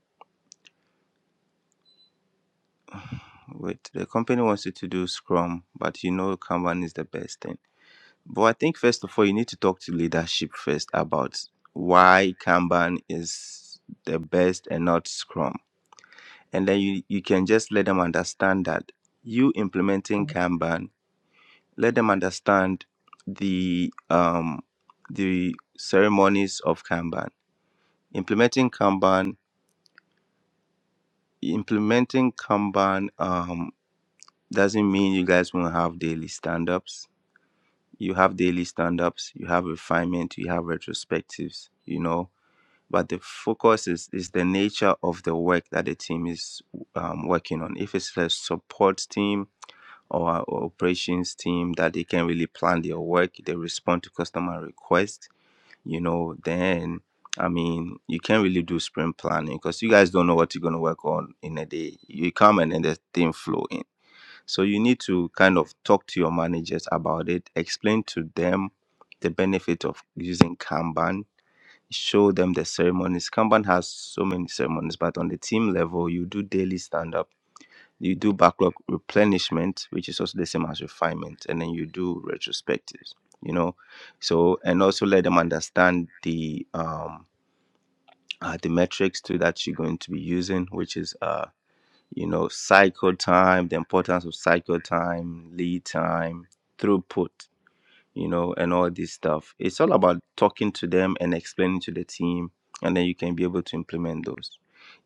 Wait, the company wants you to do Scrum, but you know Kanban is the best thing. But I think first of all, you need to talk to leadership first about why Kanban is the best and not Scrum. And then you, you can just let them understand that you implementing Kanban, let them understand the um the ceremonies of Kanban. Implementing Kanban, implementing Kanban um doesn't mean you guys won't have daily stand-ups you have daily stand-ups you have refinement you have retrospectives you know but the focus is is the nature of the work that the team is um, working on if it's a support team or a operations team that they can really plan their work they respond to customer requests you know then i mean you can't really do sprint planning because you guys don't know what you're going to work on in a day you come and then the thing flow in so you need to kind of talk to your managers about it, explain to them the benefit of using Kanban, show them the ceremonies. Kanban has so many ceremonies, but on the team level, you do daily stand up, you do backlog replenishment, which is also the same as refinement, and then you do retrospectives. You know, so and also let them understand the um uh, the metrics too that you're going to be using, which is uh you know, cycle time, the importance of cycle time, lead time, throughput, you know, and all this stuff. It's all about talking to them and explaining to the team, and then you can be able to implement those.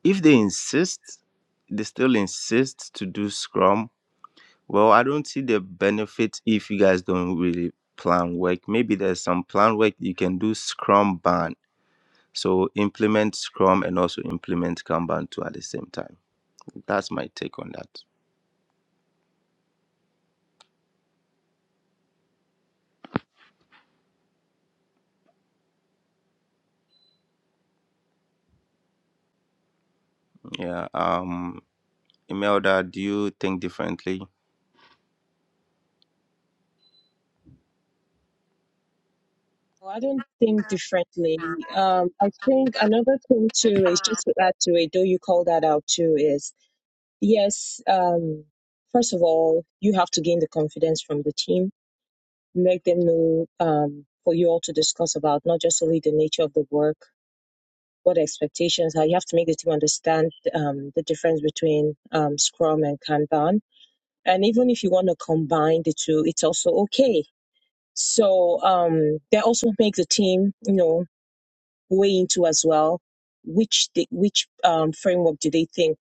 If they insist, they still insist to do Scrum. Well, I don't see the benefit if you guys don't really plan work. Maybe there's some plan work you can do Scrum Ban. So implement Scrum and also implement Kanban too at the same time. That's my take on that. Yeah. Um, Imelda, do you think differently?
Well, I don't think differently. Um, I think another thing too is just to add to it, though you call that out too, is Yes, um, first of all, you have to gain the confidence from the team, make them know um, for you all to discuss about not just only the nature of the work, what expectations are. You have to make the team understand um, the difference between um, Scrum and Kanban. And even if you want to combine the two, it's also okay. So um, that also makes the team, you know, weigh into as well which they, which um, framework do they think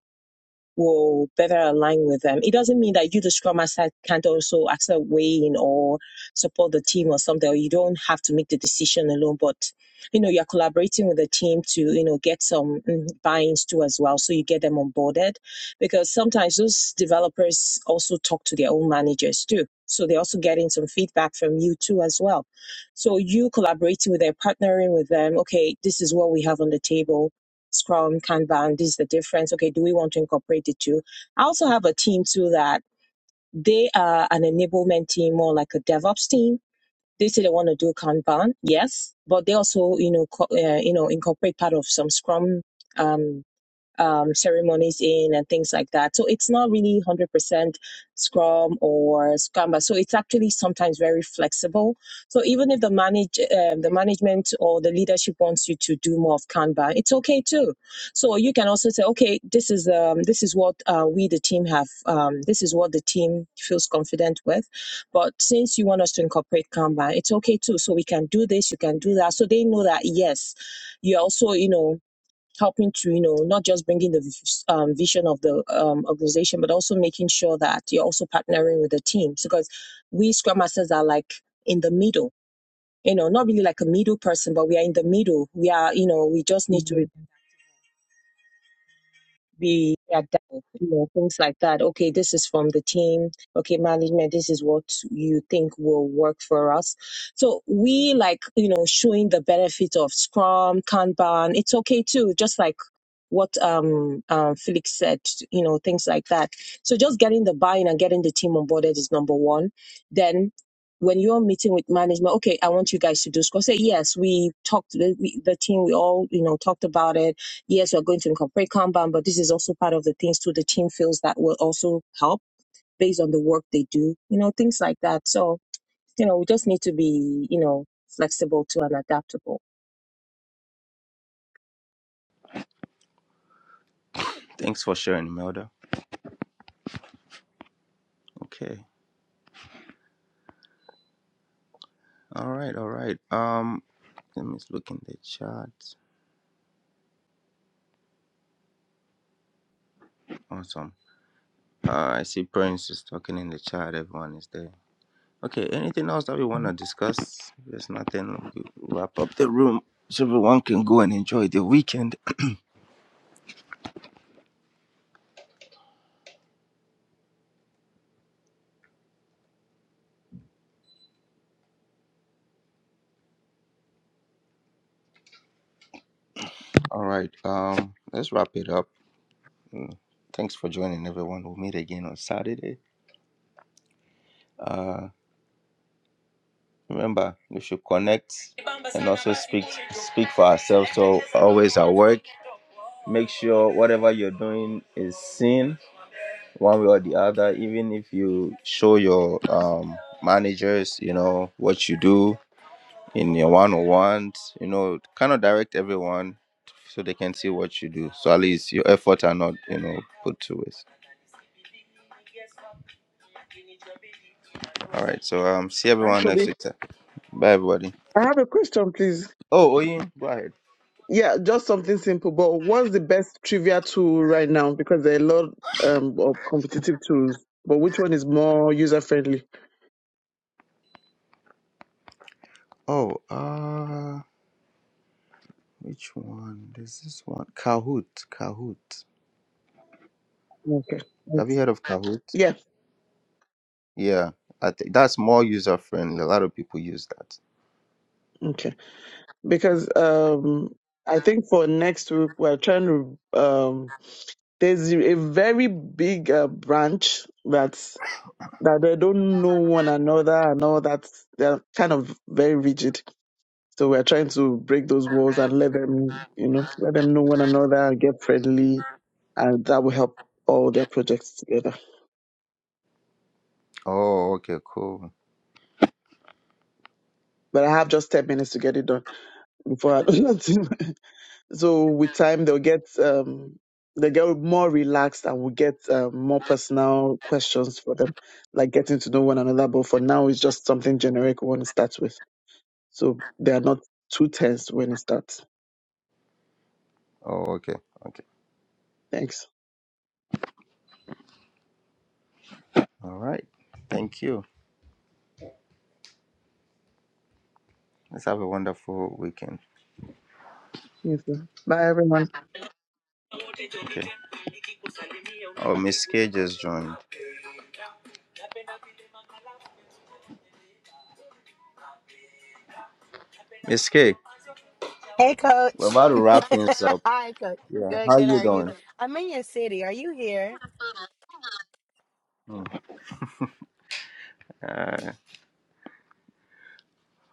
will better align with them. It doesn't mean that you, the scrum master, can't also accept weigh in or support the team or something, or you don't have to make the decision alone. But you know, you're collaborating with the team to you know get some mm, buy-ins too as well, so you get them onboarded. Because sometimes those developers also talk to their own managers too. So they're also getting some feedback from you too as well. So you collaborating with them, partnering with them. Okay, this is what we have on the table Scrum, Kanban, this is the difference. Okay, do we want to incorporate the two? I also have a team too that they are an enablement team, more like a DevOps team. They say they want to do Kanban, yes, but they also, you know, co- uh, you know, incorporate part of some Scrum. Um, um, ceremonies in and things like that. So it's not really 100% Scrum or Scamba. So it's actually sometimes very flexible. So even if the manage um, the management or the leadership wants you to do more of Kanban, it's okay too. So you can also say, okay, this is um, this is what uh, we the team have. Um, this is what the team feels confident with. But since you want us to incorporate Kanban, it's okay too. So we can do this, you can do that. So they know that yes, you also you know helping to you know not just bringing the um, vision of the um, organization but also making sure that you're also partnering with the teams because we scrum masters are like in the middle you know not really like a middle person but we are in the middle we are you know we just need to be are done, you know, things like that. Okay, this is from the team. Okay, management, this is what you think will work for us. So we like, you know, showing the benefit of Scrum, Kanban. It's okay too, just like what um, um Felix said, you know, things like that. So just getting the buy-in and getting the team onboarded is number one. Then when you're meeting with management, okay, I want you guys to do Scrum. Say yes, we talked, we, the team, we all, you know, talked about it yes, we're going to incorporate Kanban, but this is also part of the things too the team feels that will also help based on the work they do, you know, things like that. So, you know, we just need to be, you know, flexible too and adaptable.
Thanks for sharing, Imelda. Okay. All right. All right. Um, let me look in the chat. Awesome. Uh, I see Prince is talking in the chat. Everyone is there. Okay. Anything else that we want to discuss? There's nothing. We wrap up the room so everyone can go and enjoy the weekend. All right. Um, let's wrap it up. Mm, Thanks for joining, everyone. We'll meet again on Saturday. Uh, Remember, we should connect and also speak speak for ourselves. So always at work, make sure whatever you're doing is seen one way or the other. Even if you show your um, managers, you know what you do in your one-on-ones. You know, kind of direct everyone so they can see what you do. So at least your efforts are not, you know, put to waste. All right. So um, see
Hi,
everyone next
Bobby.
week. Bye, everybody.
I have a question, please.
Oh, Oyin, go ahead.
Yeah, just something simple. But what's the best trivia tool right now? Because there are a lot um, of competitive tools, but which one is more user friendly?
Oh, uh. Which one? There's this one. Kahoot. Kahoot.
Okay.
Have you heard of Kahoot?
Yeah.
Yeah. I think that's more user friendly. A lot of people use that.
Okay. because um I think for next week we're trying to um there's a very big uh, branch that's that they don't know one another and all that they're kind of very rigid. So we're trying to break those walls and let them you know let them know one another and get friendly and that will help all their projects together.
Oh, okay, cool.
But I have just ten minutes to get it done before I [laughs] do nothing. So with time, they'll get um, they get more relaxed and we'll get um, more personal questions for them, like getting to know one another. But for now, it's just something generic we want to start with. So they are not too tense when it starts.
Oh, okay. Okay.
Thanks.
All right. Thank you. Let's have a wonderful weekend.
Yes, sir. Bye, everyone.
Oh, Miss K just joined. Miss K,
Hey,
we're
coach.
about to
[laughs]
wrap things up.
Hi, coach.
Yeah.
Good,
How
good. How
you
are you?
doing?
I'm in your city. Are you here?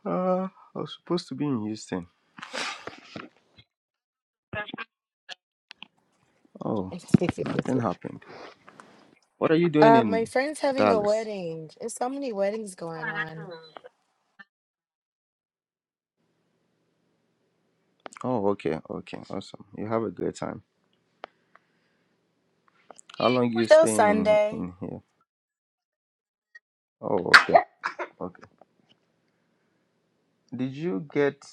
Uh, I was supposed to be in Houston. Oh,
[laughs]
nothing happened. What are you doing
Uh, my
in
friend's having a
Dallas?
wedding. There's so many weddings going on.
Oh, okay, okay, awesome. You have a good time. How long you
Still
staying in
Sunday.
in here? Oh, okay, okay. Did you get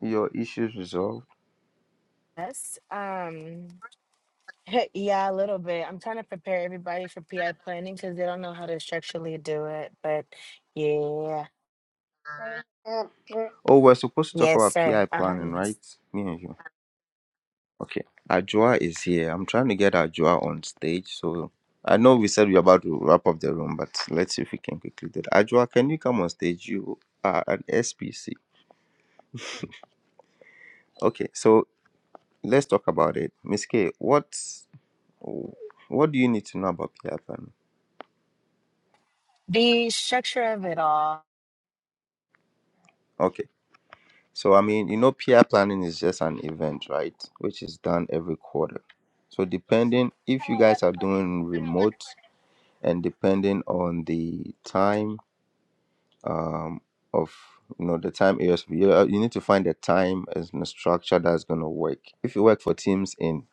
your issues resolved?
Yes. Um. [laughs] Yeah, a little bit. I'm trying to prepare everybody for PI planning because they don't know how to structurally do it. But yeah,
Oh, we're supposed to talk
yes,
about
sir.
PI
Uh huh.
planning, right?
Yes.
Me and you. Okay. Ajua is here. I'm trying to get Ajua on stage. So I know we said we are about to wrap up the room, but let's see if we can quickly do that. Ajua, can you come on stage? You are an SPC. Okay, so let's talk about it. Miss K, what what do you need to know about PI planning?
The structure of it all.
Okay. So, I mean, you know, peer planning is just an event, right? Which is done every quarter. So, depending if you guys are doing remote and depending on the time um, of, you know, the time areas, you, uh, you need to find a time and a structure that's going to work. If you work for teams in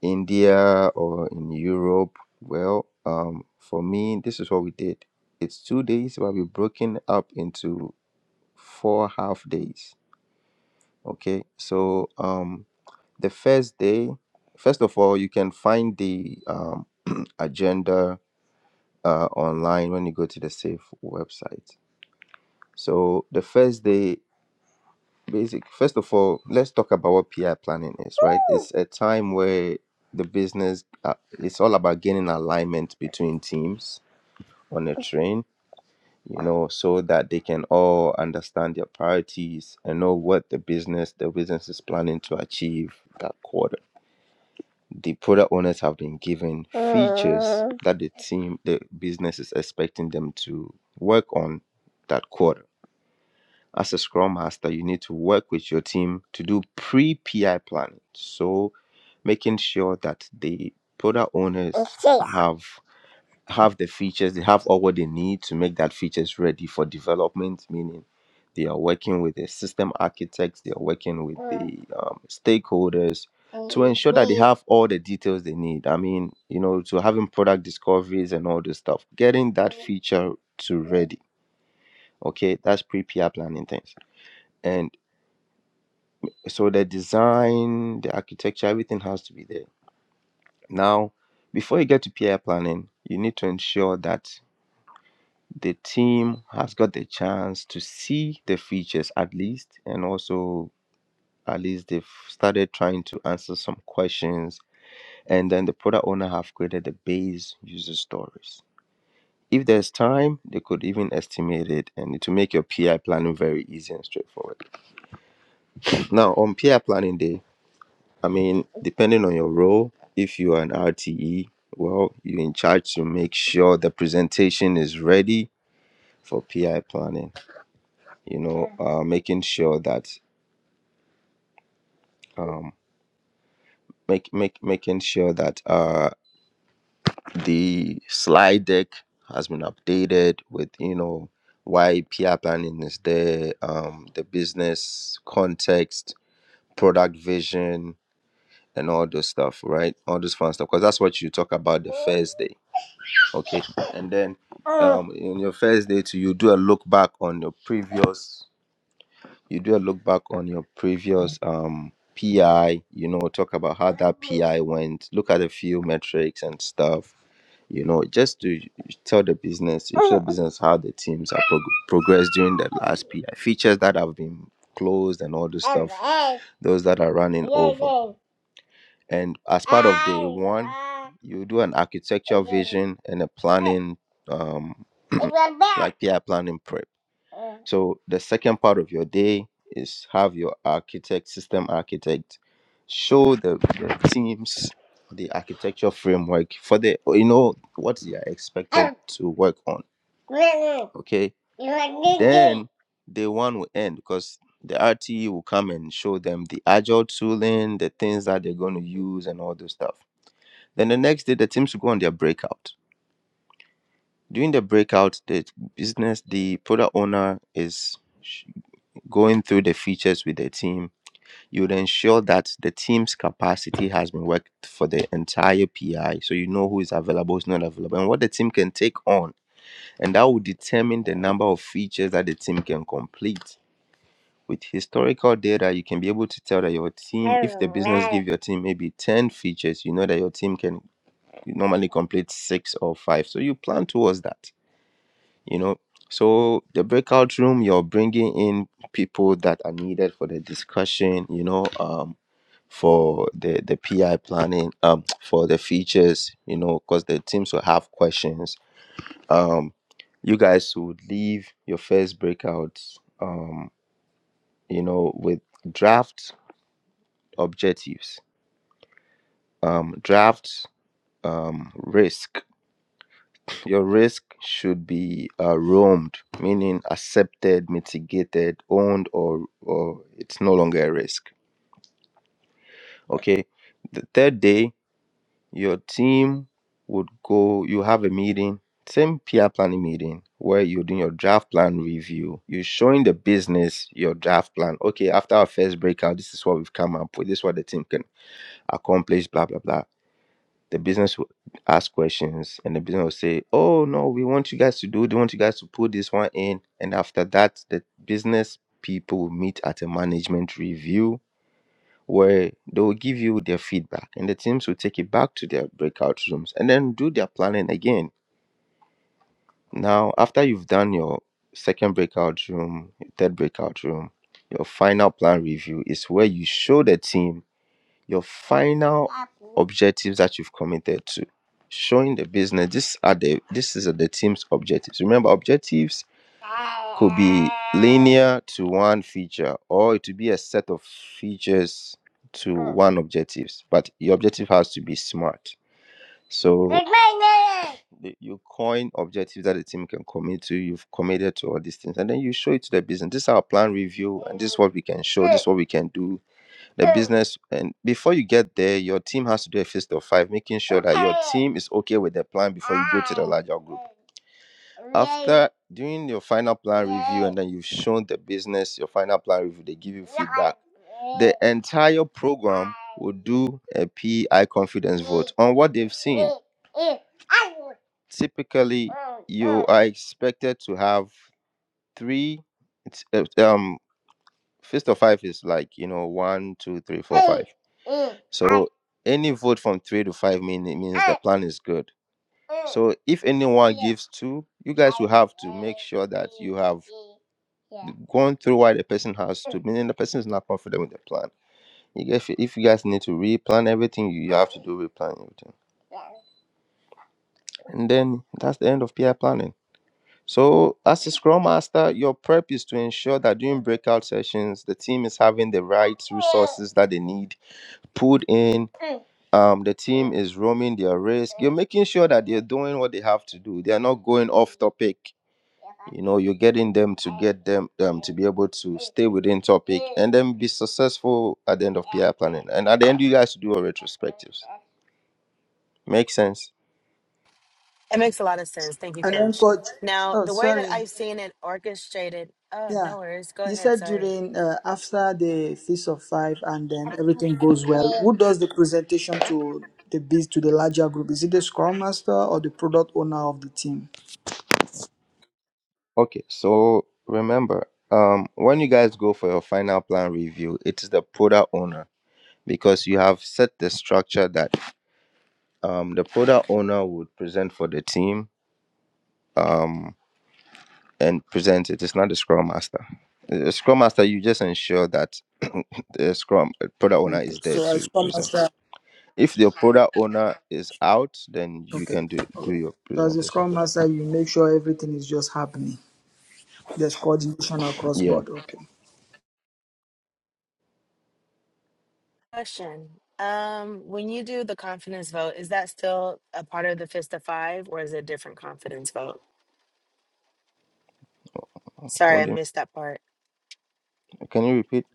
India or in Europe, well, um, for me, this is what we did. It's two days, but we broken up into four half days. Okay, so um, The first day, first of all, you can find the um, [clears throat] agenda uh, online when you go to the SAFE website. So the first day, basic. First of all, let's talk about what PR planning is. Right, it's a time where the business uh, it's all about gaining alignment between teams on a train you know so that they can all understand their priorities and know what the business the business is planning to achieve that quarter the product owners have been given features that the team, the business is expecting them to work on that quarter. As a scrum master, you need to work with your team to do pre PI planning. So, making sure that the product owners have have the features, they have all what they need to make that features ready for development, meaning they are working with the system architects, they are working with the um, stakeholders to ensure that they have all the details they need. I mean, you know, to having product discoveries and all this stuff, getting that feature to ready. Okay, that's pre-PR planning things. And so the design, the architecture, everything has to be there. Now, before you get to PR planning, you need to ensure that the team has got the chance to see the features at least and also at least they've started trying to answer some questions and then the product owner have created the base user stories if there's time they could even estimate it and to make your pi planning very easy and straightforward now on pi planning day i mean depending on your role if you are an rte well you're in charge to make sure the presentation is ready for pi planning you know uh, making sure that um, make, make making sure that uh, the slide deck has been updated with you know why PR planning is there, um, the business context, product vision, and all those stuff, right? All those fun stuff, because that's what you talk about the first day, okay? And then um, in your first day, too, you do a look back on your previous you do a look back on your previous um PI, you know, talk about how that PI went, look at a few metrics and stuff, you know, just to tell the business, you tell business how the teams are prog- progressed during the last PI, features that have been closed and all this stuff, those that are running over. And as part of day one, you do an architecture vision and a planning, um, [clears throat] like PR planning prep. So the second part of your day is have your architect, system architect, show the, the teams the architecture framework for the you know what they are expected to work on. Okay. Then day one will end because the RTE will come and show them the agile tooling, the things that they're going to use, and all those stuff. Then the next day, the teams will go on their breakout. During the breakout, the business, the product owner is sh- going through the features with the team. You would ensure that the team's capacity has been worked for the entire PI, so you know who is available, who's not available, and what the team can take on, and that will determine the number of features that the team can complete with historical data you can be able to tell that your team if the business give your team maybe 10 features you know that your team can normally complete six or five so you plan towards that you know so the breakout room you're bringing in people that are needed for the discussion you know um for the the pi planning um for the features you know because the teams will have questions um you guys would leave your first breakout, um you know with drafts objectives um, draft um, risk your risk should be uh, roamed meaning accepted mitigated owned or or it's no longer a risk okay the third day your team would go you have a meeting same peer planning meeting where you're doing your draft plan review you're showing the business your draft plan okay after our first breakout this is what we've come up with this is what the team can accomplish blah blah blah the business will ask questions and the business will say, Oh no, we want you guys to do, we want you guys to put this one in. And after that, the business people will meet at a management review where they will give you their feedback and the teams will take it back to their breakout rooms and then do their planning again. Now, after you've done your second breakout room, your third breakout room, your final plan review is where you show the team your final objectives that you've committed to showing the business this are the this is the team's objectives remember objectives could be linear to one feature or it could be a set of features to one objectives but your objective has to be smart so the- you coin objectives that the team can commit to you've committed to all these things and then you show it to the business this is our plan review and this is what we can show this is what we can do the business and before you get there your team has to do a fist of five making sure that your team is okay with the plan before you go to the larger group after doing your final plan review and then you've shown the business your final plan review they give you feedback the entire program will do a pi confidence vote on what they've seen typically you are expected to have three it's, uh, um Fist of five is like, you know, one, two, three, four, five. So any vote from three to five mean, it means the plan is good. So if anyone gives two, you guys will have to make sure that you have gone through why the person has to, meaning the person is not confident with the plan. You guys, if you guys need to replan everything, you have to do replan everything. And then that's the end of PI planning. So, as a Scrum Master, your prep is to ensure that during breakout sessions, the team is having the right resources that they need pulled in. Um, the team is roaming their risk. You're making sure that they're doing what they have to do. They are not going off topic. You know, you're getting them to get them um, to be able to stay within topic and then be successful at the end of PR planning. And at the end, you guys do your retrospectives. Make sense?
It makes a lot of sense. Thank you,
And then
Coach.
coach,
Now,
oh
the way that
sorry,
I've seen it orchestrated. Oh,
Yeah,
no worries. Go
you
ahead.
said
Sorry.
during uh, after the feast of five, and then everything goes well. Who does the presentation to the biz to the larger group? Is it the scrum master or the product owner of the team?
Okay, so remember, um, when you guys go for your final plan review, it is the product owner because you have set the structure that um, the product owner would present for the team um, and present it. It's not the scrum master. The scrum master, you just ensure that [coughs] [clears throat] the scrum uh, product owner
Okay,
is there
so as
to
scrum
present.
master,
If the product owner is out, then you
okay,
can do
all
do
right.
your
So as a
presentation
scrum
for them.
master, you make sure everything is just happening. There's coordination across
Yeah.
board. Okay.
Question. Um, when you do the confidence vote, is that still a part of the fist of five, or is it a different confidence vote? Sorry,
What
I
do you?
missed that part.
Can you repeat?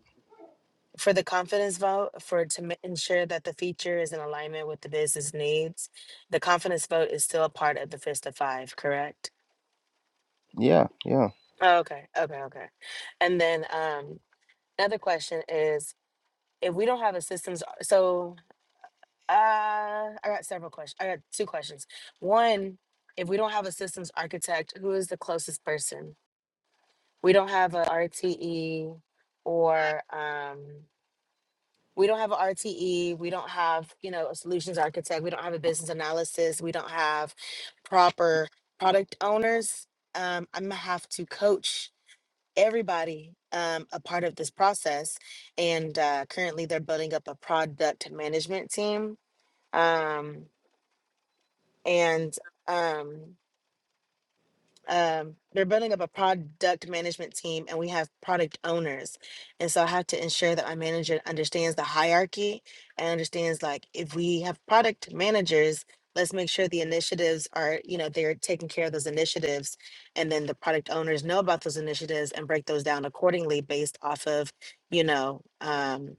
For the confidence vote, for to ma- ensure that the feature is in alignment with the business needs, the confidence vote is still a part of the fist of five, correct?
Yeah, yeah.
Oh, okay, okay, okay. And then um, another question is, if we don't have a systems, so Uh, I got several questions. I got two questions. One, if we don't have a systems architect, who is the closest person? We don't have a RTE or um we don't have a RTE, we don't have, you know, a solutions architect, we don't have a business analysis, we don't have proper product owners. Um, I'm gonna have to coach everybody um, a part of this process. And uh, currently they're building up a product management team. Um, and um um they're building up a product management team and we have product owners and so i have to ensure that my manager understands the hierarchy and understands like if we have product managers let's make sure the initiatives are you know they're taking care of those initiatives and then the product owners know about those initiatives and break those down accordingly based off of you know um,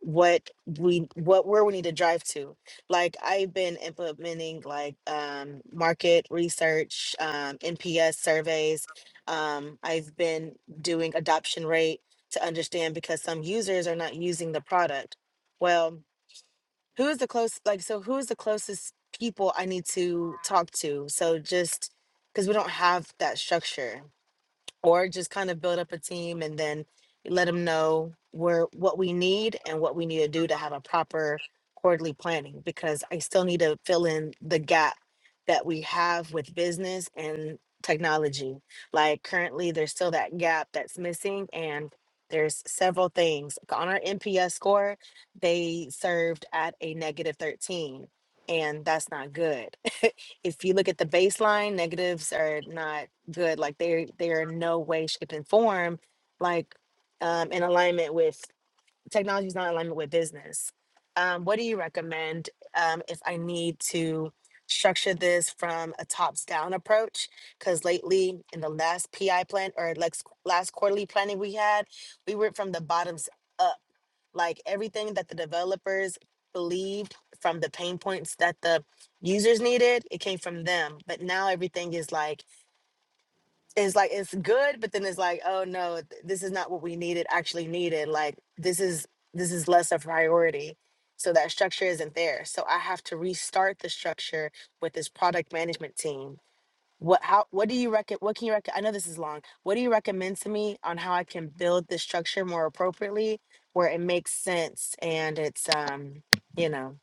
what we what where we need to drive to like i've been implementing like um market research um nps surveys um i've been doing adoption rate to understand because some users are not using the product well who is the close like so who is the closest people i need to talk to so just because we don't have that structure or just kind of build up a team and then let them know where what we need and what we need to do to have a proper quarterly planning because I still need to fill in the gap that we have with business and technology. Like currently there's still that gap that's missing and there's several things. Like, On our NPS score, they served at a negative 13 and that's not good. [laughs] if you look at the baseline, negatives are not good. Like they're they're in no way, shape, and form like um, in alignment with technology is not in alignment with business. Um, what do you recommend um, if I need to structure this from a tops down approach? Because lately in the last PI plan or lex- last quarterly planning we had, we went from the bottoms up. Like everything that the developers believed from the pain points that the users needed, it came from them. But now everything is like it's like it's good but then it's like oh no th- this is not what we needed actually needed like this is this is less a priority so that structure isn't there so i have to restart the structure with this product management team what how what do you reckon what can you recommend i know this is long what do you recommend to me on how i can build this structure more appropriately where it makes sense and it's um you know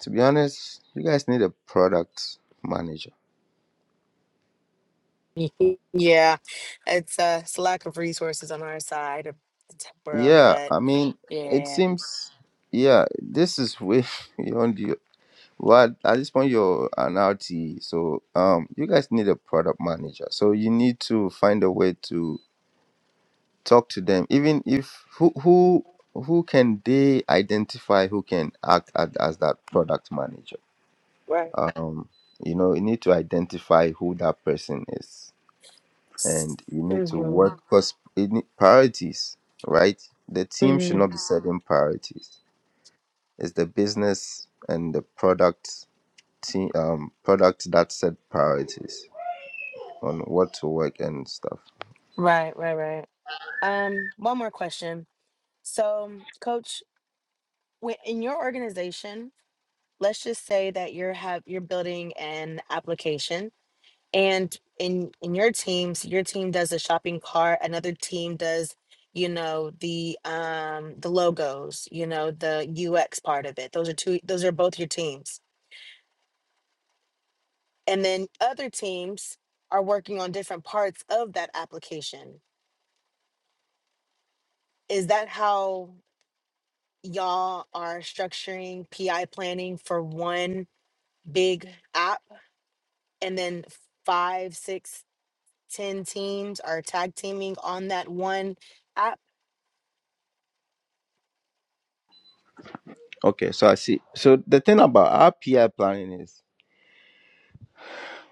To be honest, you guys need a product manager.
[laughs] yeah it's uh it's lack of resources on our side of the tech world
Yeah,
but
I mean, it
yeah
seems, yeah, this is way [laughs] beyond you. What at this point you're an RTE, so um, you guys need a product manager. So you need to find a way to talk to them, even if who who who can they identify who can act as, as that product manager. Um, you know, you need to identify who that person is and you need to
hmm
work because it need priorities, right? The team should
hmm
not be setting priorities. It's the business and the product team, um, product that set priorities on what to work and stuff.
Right, right, right. Um, one more question. So, coach, when, in your organization, let's just say that you're have you're building an application, and in in your teams, your team does a shopping cart, another team does, you know, the um the logos, you know, the UX part of it. Those are two. Those are both your teams, and then other teams are working on different parts of that application. Is that how? y'all are structuring PI planning for one big app and then five, six, ten teams are tag teaming on that one app.
Okay, so I see. So the thing about our PI planning is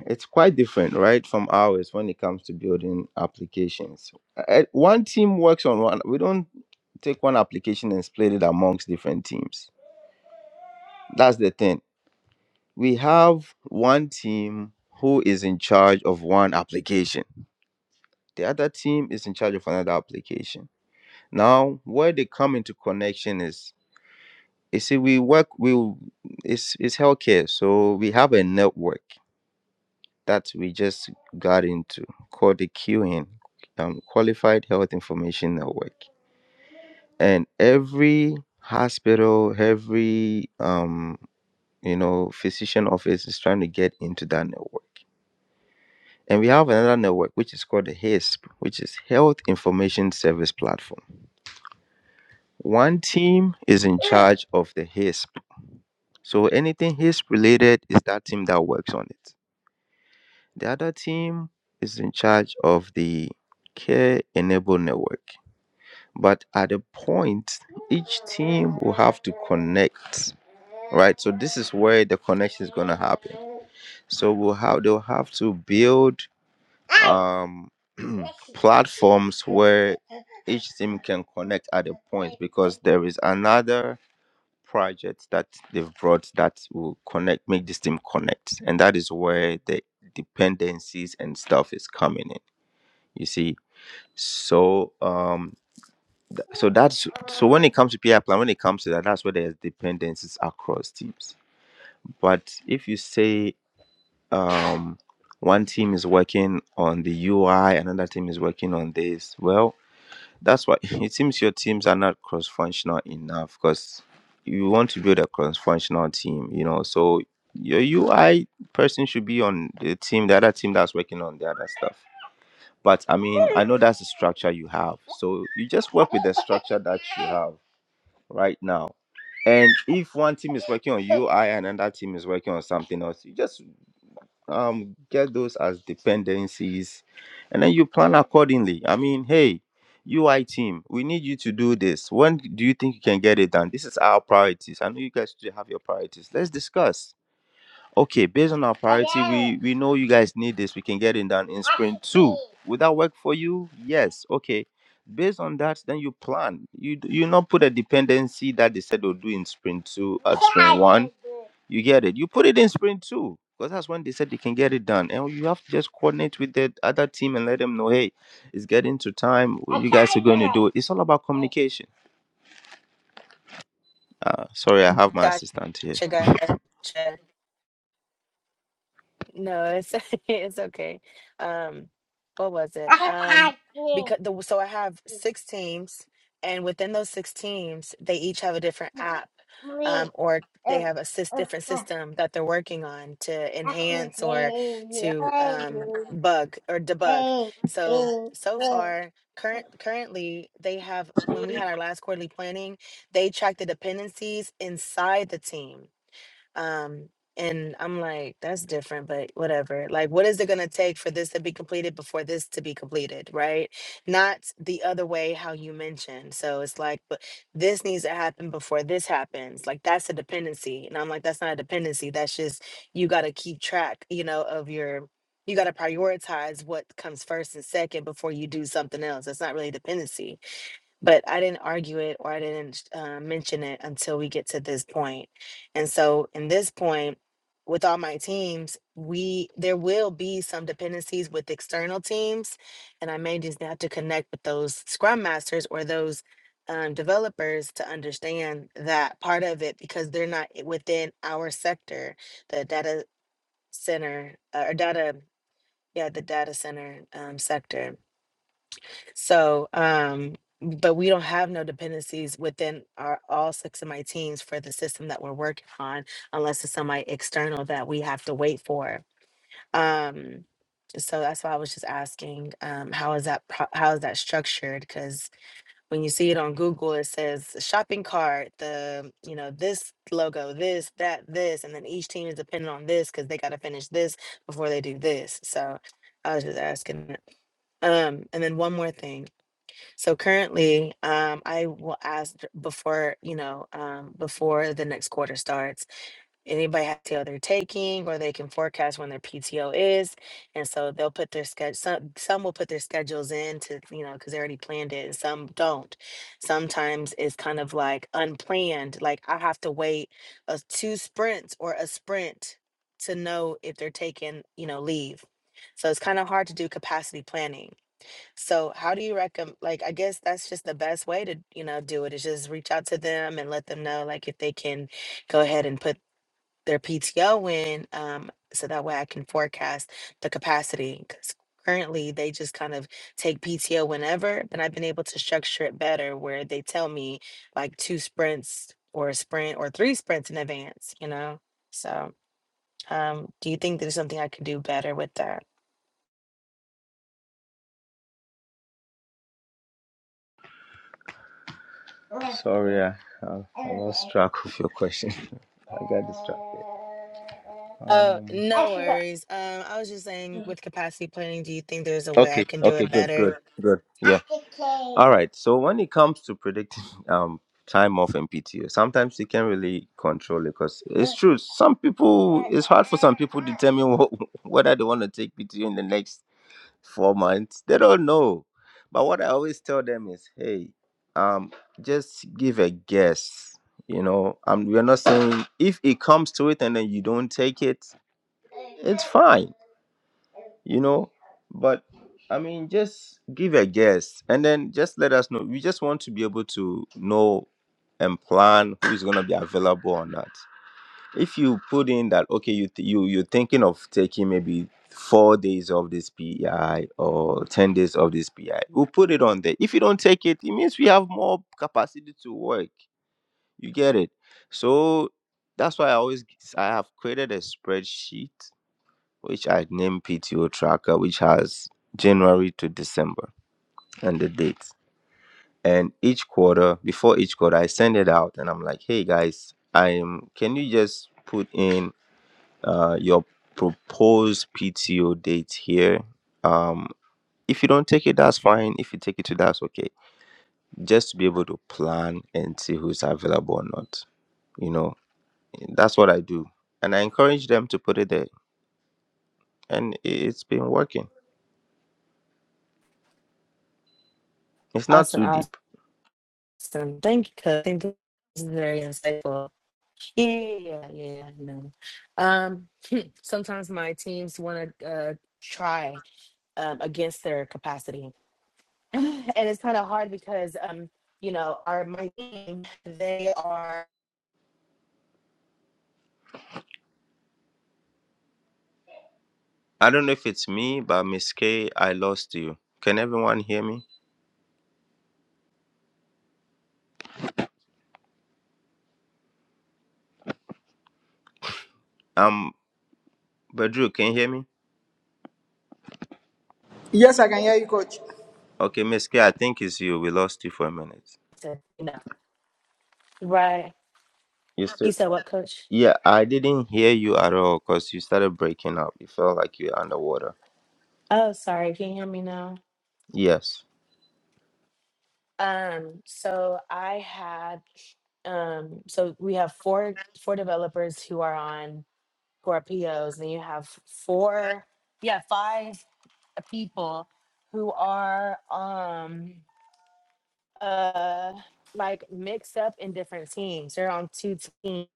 it's quite different, right, from ours when it comes to building applications. Uh, One team works on one. We don't take one application and split it amongst different teams. That's the thing we have one team who is in charge of one application. The other team is in charge of another application. Now, where they come into connection is you see, we work we it's it's healthcare, so we have a network that we just got into called the QN, um, Qualified Health Information Network, and every hospital, every um, you know, physician office is trying to get into that network. And we have another network which is called the HISP, which is Health Information Service Platform. One team is in charge of the HISP. So anything HISP related is that team that works on it. The other team is in charge of the Care Enable Network. But at a point, each team will have to connect, right? So this is where the connection is going to happen. So we'll have, they'll have to build um [clears throat] platforms where each team can connect at a point because there is another project that they've brought that will connect make this team connect and that is where the dependencies and stuff is coming in you see so um th- so that's so when it comes to PI plan when it comes to that that's where there's dependencies across teams but if you say um one team is working on the UI another team is working on this well That's why [laughs] it seems your teams are not cross functional enough because you want to build a cross functional team, you know. So your UI person should be on the team, the other team that's working on the other stuff. But I mean, I know that's the structure you have. So you just work with the structure that you have right now. And if one team is working on UI and another team is working on something else, you just um get those as dependencies and then you plan accordingly. I mean, hey, UI team, we need you to do this. When do you think you can get it done? This is our priorities. I know you guys do have your priorities. Let's discuss. Okay, based on our priority, we we know you guys need this. We can get it done in sprint two. Would that work for you? Yes. Okay. Based on that, then you plan. You d- you not put a dependency that they said they'll do in sprint two at sprint one. You get it. You put it in sprint two because that's when they said they can get it done, and you have to just coordinate with the other team and let them know, hey, it's getting to time. where You guys are going to do it. It's all about communication, Assistant. Here.
Gotcha, gotcha. No, it's [laughs] it's okay. Um, what was it? Um, because the so I have six teams, and within those six teams, they each have a different app, um, or they have a sys different system that they're working on to enhance or to um bug or debug. So so far, current currently they have when we had our last quarterly planning, they tracked the dependencies inside the team. Um, and I'm like, that's different, but whatever. Like, what is it going to take for this to be completed before this to be completed, right? Not the other way how you mentioned. So it's like, but this needs to happen before this happens. Like, that's a dependency. And I'm like, that's not a dependency. That's just, you got to keep track, you know, of your, you got to prioritize what comes first and second before you do something else. That's not really dependency but I didn't argue it or I didn't uh, mention it until we get to this point. And so, in this point, with all my teams, we there will be some dependencies with external teams, and I may just have to connect with those scrum masters or those um, developers to understand that part of it because they're not i- within our sector, the data center uh, or data, yeah, the data center um, sector. So, um, but we don't have no dependencies within our all six of my teams for the system that we're working on, unless it's somebody external that we have to wait for. Um, so that's why I was just asking, um, how is that pro- how is that structured? Because when you see it on Google, it says shopping cart, the you know this logo, this that this, and then each team is dependent on this because they got to finish this before they do this. So I was just asking. that. Um, and then one more thing. So currently, um, I will ask before, you know, um, before the next quarter starts, anybody has PTO they're taking, or they can forecast when their PTO is, and so they'll put their schedule. Some some will put their schedules in to you know because they already planned it, and some don't. Sometimes it's kind of like unplanned, like I have to wait a two sprints or a sprint to know if they're taking you know leave. So it's kind of hard to do capacity planning. So how do you recommend, like, I guess that's just the best way to, you know, do it is just reach out to them and let them know, like, if they can go ahead and put their PTO in, um, so that way I can forecast the capacity. Because currently they just kind of take PTO whenever, but I've been able to structure it better where they tell me like two sprints or a sprint or three sprints in advance, you know? So, um, do you think there's something I could do better with that?
Sorry, I, I, I lost track of your question. [laughs] I got distracted. [laughs]
Oh, no
Um,
worries. Um, I was just saying, with capacity planning, do you think there's a way I
Okay,
can do
okay,
it
good, good,
better?
good. Yeah. All right. So when it comes to predicting [laughs] um time off and PTO, sometimes you can't really control it because it's true. Some people it's hard for some people to determine wh- [laughs] whether they want to take PTO in the next four months. They don't know. But what I always tell them is, hey, um, just give a guess. You know, um, we're not saying if it comes to it and then you don't take it, it's fine you know but i mean just give a guess and then just let us know we just want to be able to know and plan who's going to be available or not if you put in that okay you th- you you're thinking of taking maybe four days of this pi or 10 days of this pi we'll put it on there if you don't take it it means we have more capacity to work you get it so that's why i always i have created a spreadsheet which I named PTO tracker, which has January to December and the dates. And each quarter, before each quarter, I send it out and I'm like, hey guys, I'm can you just put in uh, your proposed PTO dates here? Um, if you don't take it, that's fine. If you take it too, that's okay. Just to be able to plan and see who's available or not. You know, that's what I do. And I encourage them to put it there. And it's been working. It's not
Awesome,
too deep
awesome. Thank you, Coach. Thank This is very insightful. Yeah, yeah, yeah. No. Um, sometimes my teams want to uh, try um, against their capacity, [laughs] and it's kind of hard because um, you know, our my team they are,
I don't know if it's me, but Miss K, I lost you. Can everyone hear me? Um, Badru, can you hear me?
Yes, I can hear you, coach.
Okay, Miss K, I think it's you. We lost you for a minute.
to, you know, right.
You
You
still?
said what, Coach?
Yeah, I didn't hear you at all because you started breaking up. It felt like you were underwater.
Oh, sorry. Can you hear me now?
Yes.
Um, so I had. um so we have four four developers who are on who are P Os, and you have four yeah five people who are um uh like mixed up in different teams they're on two teams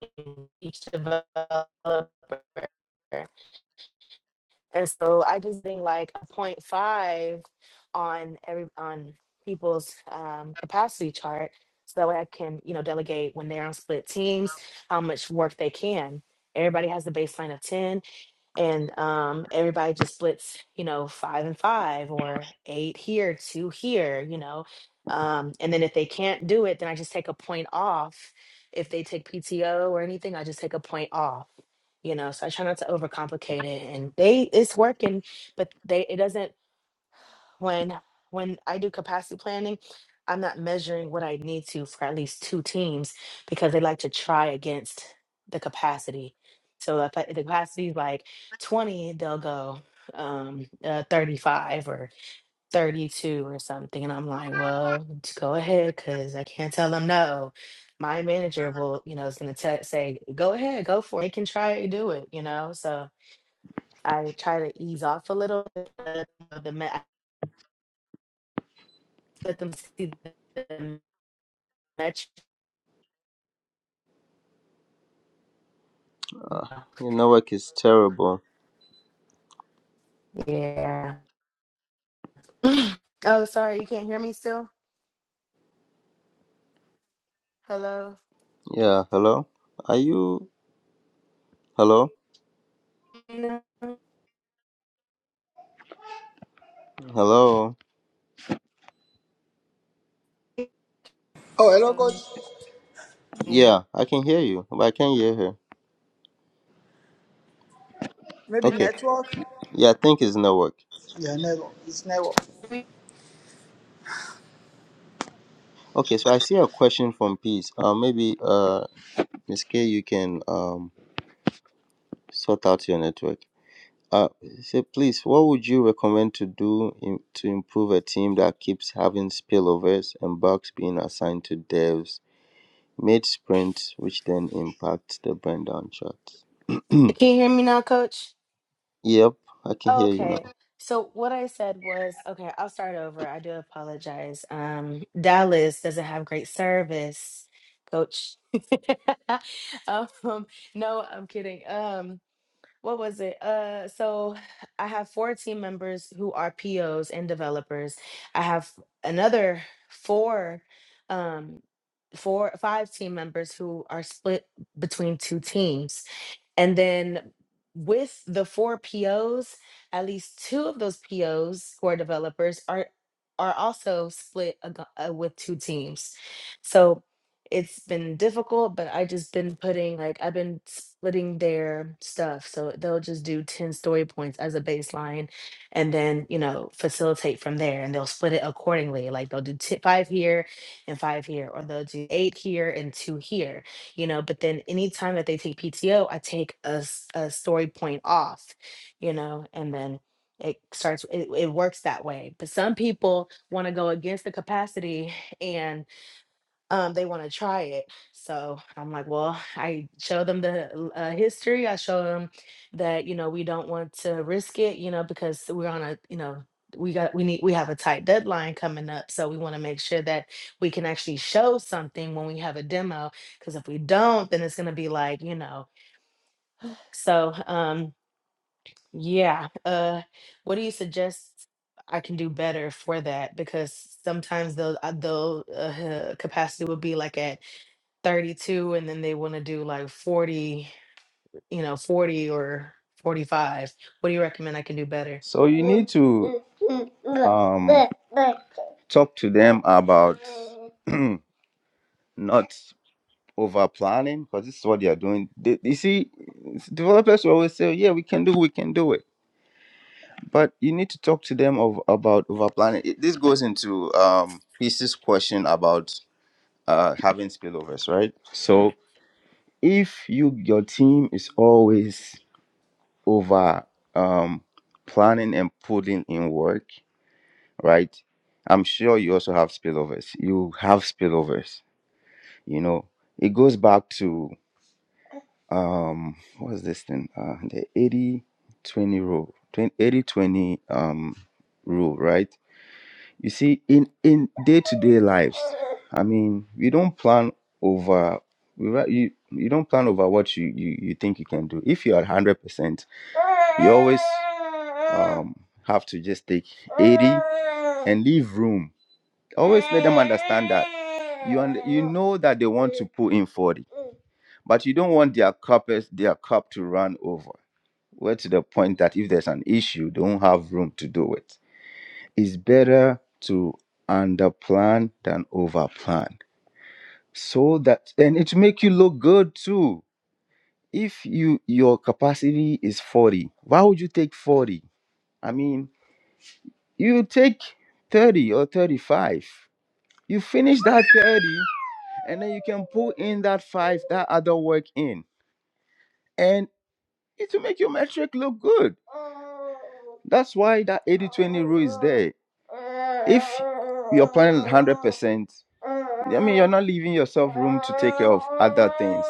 each developer and so I just think like a point five on every on people's um, capacity chart, so that way I can you know delegate when they're on split teams how much work they can. Everybody has the baseline of 10 and um everybody just splits you know five and five or eight here two here you know um and then if they can't do it then i just take a point off if they take pto or anything i just take a point off you know so i try not to overcomplicate it and they it's working but they it doesn't when when I do capacity planning, I'm not measuring what I need to for at least two teams because they like to try against the capacity. So if I- the capacity is like 20, they'll go um uh, 35 or 32 or something and i'm like well just go ahead because i can't tell them no my manager will you know is going to say go ahead go for it they can try it do it you know so i try to ease off a little bit let them see the match.
Your network is terrible.
Yeah. [sighs] [clears throat] oh, sorry, you can't hear me still. Hello.
Yeah. Hello. Are you? Hello.
No, Can
Hello.
Oh, hello, coach.
you
Yeah, I can hear you, but I can't hear her.
Maybe
Okay.
network.
Yeah, I think it's network.
Yeah, network. It's network.
Okay, so I see a question from Peace. Uh, maybe uh, Miss K, you can um sort out your network. Uh, say, please, what would you recommend to do in, to improve a team that keeps having spillovers and bugs being assigned to devs mid sprint, which then impacts the burn down charts? [clears throat]
can't hear me now, Coach?
yep, I can
Oh,
hear you
okay.
now.
So what I said was, okay, I'll start over. I do apologize. Um, Dallas doesn't have great service, Coach. [laughs] um, no, I'm kidding. Um, what was it? Uh, so I have four team members who are POs and developers. I have another four, um, four, five team members who are split between two teams. And then with the four POs, at least two of those POs who are developers are are also split ag- uh, with two teams. So it's been difficult, but I just been putting like I've been splitting their stuff. So they'll just do 10 story points as a baseline and then, you know, facilitate from there and they'll split it accordingly. Like they'll do t- five here and five here, or they'll do eight here and two here, you know. But then anytime that they take PTO, I take a, s- a story point off, you know, and then it starts, it, it works that way. But some people want to go against the capacity and um, they want to try it. So I'm like, well, I show them the l- uh, history. I show them that you know we don't want to risk it, you know, because we're on a you know we got we need we have a tight deadline coming up, so we want to make sure that we can actually show something when we have a demo. Because if we don't, then it's gonna be like you know. So um, yeah, uh, what do you suggest? I can do better for that because sometimes those uh, those uh, capacity would be like at 32 and then they want to do like 40, you know, 40 or 45. What do you recommend I can do better?
So you need to um, talk to them about [clears throat] not over planning because this is what they are doing. They, you see, developers will always say, "Yeah, we can do, we can do it." but you need to talk to them of about over planning. It- This goes into um Chris's question about uh having spillovers, right? So if you your team is always over um planning and putting in work, right? I'm sure you also have spillovers. You have spillovers, you know. It goes back to um what's this thing? Uh the 80 20 rule. eighty 20, um rule, right? You see, in in day to day lives, I mean, we don't plan over. we ra- You you don't plan over what you you, you think you can do. If you are hundred percent, you always um have to just take eighty and leave room. Always let them understand that you und- you know that they want to put in forty, but you don't want their cup their cup to run over. We're to the point that if there's an issue, they don't have room to do it. It's better to underplan than overplan. So that and it make you look good too. If you your capacity is 40, why would you take 40? I mean, you take 30 or 35. You finish that 30 and then you can put in that 5 that other work in. and. It will make your metric look good. That's why that 80 20 rule is there. If you're planning 100%, I mean, you're not leaving yourself room to take care of other things.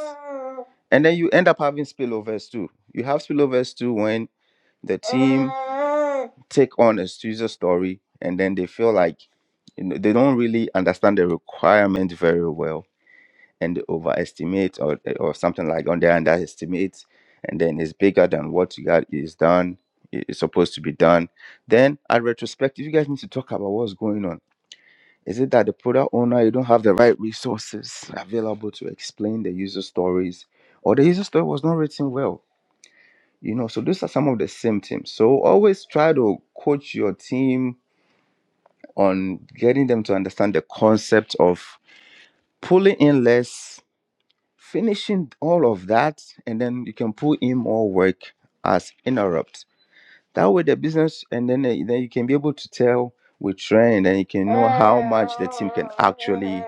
And then you end up having spillovers too. You have spillovers too when the team take on a user story and then they feel like you know, they don't really understand the requirement very well and they overestimate or or something like on they underestimate and then it's bigger than what you got is done is supposed to be done then at retrospective you guys need to talk about what's going on is it that the product owner you don't have the right resources available to explain the user stories or the user story was not written well you know so those are some of the symptoms so always try to coach your team on getting them to understand the concept of pulling in less finishing all of that and then you can pull in more work as interrupts that way the business and then eh, then you can be able to tell with trend and you can know how much the team can actually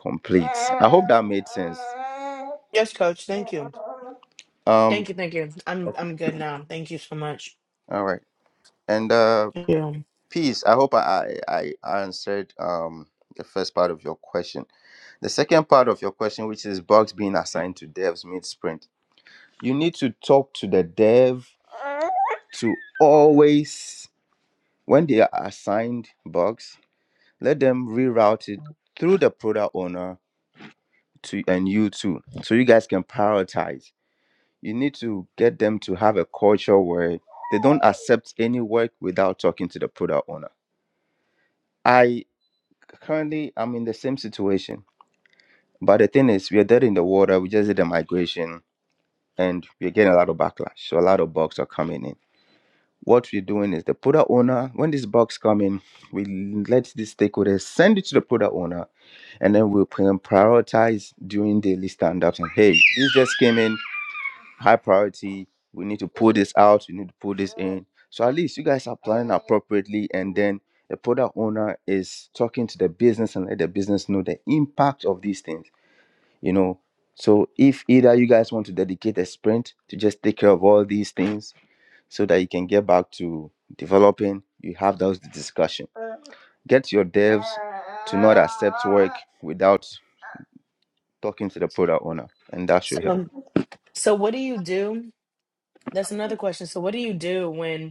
complete i hope that made sense
Yes, coach. Thank you.
um
Thank you, thank you. I'm I'm good now. Thank you so much.
all right and uh
Yeah.
peace i hope i i I answered um the first part of your question the second part of your question which is bugs being assigned to devs mid sprint You need to talk to the dev to always, when they are assigned bugs, let them reroute it through the product owner to and you too, so you guys can prioritize. You need to get them to have a culture where they don't accept any work without talking to the product owner. I currently am in the same situation, but the thing is, we are dead in the water. We just did a migration, and we're getting a lot of backlash. So a lot of bugs are coming in. what we're doing is the product owner when this box comes in we let the stakeholders send it to the product owner and then we'll pri- prioritize during daily stand-ups and hey this just came in high priority we need to pull this out we need to pull this in so at least you guys are planning appropriately and then the product owner is talking to the business and let the business know the impact of these things you know so if either you guys want to dedicate a sprint to just take care of all these things so that you can get back to developing. You have those discussion. Get your devs to not accept work without talking to the product owner, and that
So
should help.
um so what do you do? That's another question. So what do you do when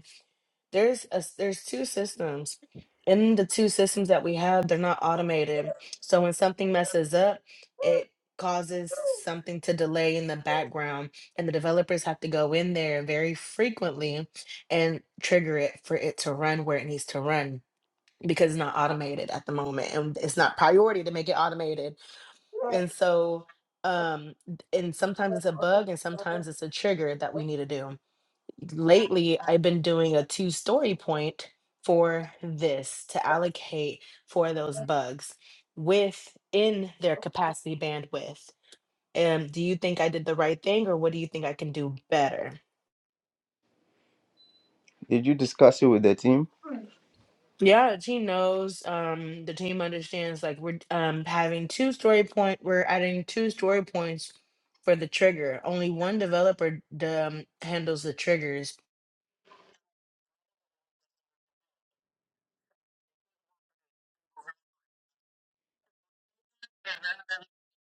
there's a, s- there's two systems and the two systems that we have they're not automated so when something messes up it causes something to delay in the background and the developers have to go in there very frequently and trigger it for it to run where it needs to run because it's not automated at the moment and it's not priority to make it automated and so um and sometimes it's a bug and sometimes it's a trigger that we need to do lately I've been doing a two story point for this to allocate for those bugs within their capacity bandwidth. And do you think I did the right thing or what do you think I can do better?
Did you discuss it with the team?
Yeah, the team knows. Um, the team understands like we're um having two story point, we're adding two story points for the trigger. Only one developer d- um, handles the triggers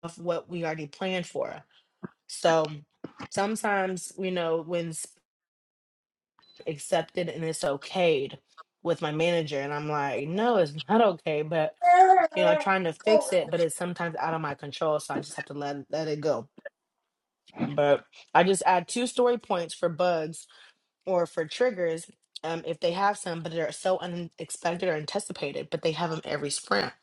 of what we already planned for So sometimes, you know, when it's accepted and it's okayed with my manager, and I'm like, no, it's not okay, but you know, I'm trying to fix it, but it's sometimes out of my control, so I just have to let let it go. But I just add two story points for bugs or for triggers um, if they have some, but they're so unexpected or anticipated, but they have them every sprint.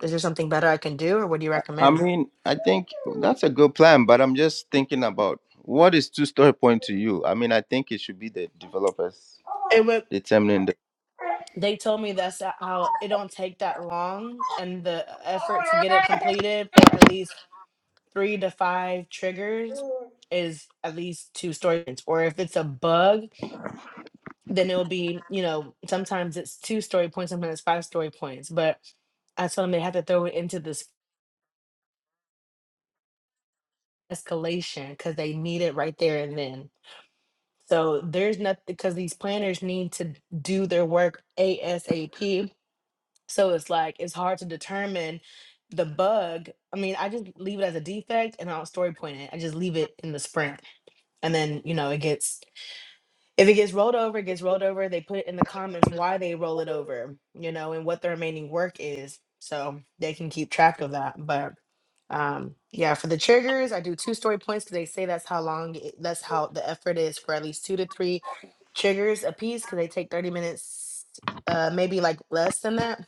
Is there something better I can do, or what do you
I
recommend?
mean, I think that's a good plan, but I'm just thinking about what is two story point to you. I mean, I think it should be the developers
It would.
determining the.
they told me that's how it don't take that long and the effort to get it completed for at least three to five triggers is at least two story points or if it's a bug then it'll be you know sometimes it's two story points sometimes it's five story points but i told them they have to throw it into this escalation because they need it right there and then so there's nothing because these planners need to do their work asap So it's like it's hard to determine the bug. I mean, I just leave it as a defect and I will story point it. I just leave it in the sprint. And then, you know, it gets if it gets rolled over, it gets rolled over. They put it in the comments why they roll it over, you know, and what the remaining work is. So they can keep track of that. But um yeah, for the triggers, I do two story points because they say that's how long it, that's how the effort is for at least two to three triggers a piece because they take 30 minutes, uh maybe like less than that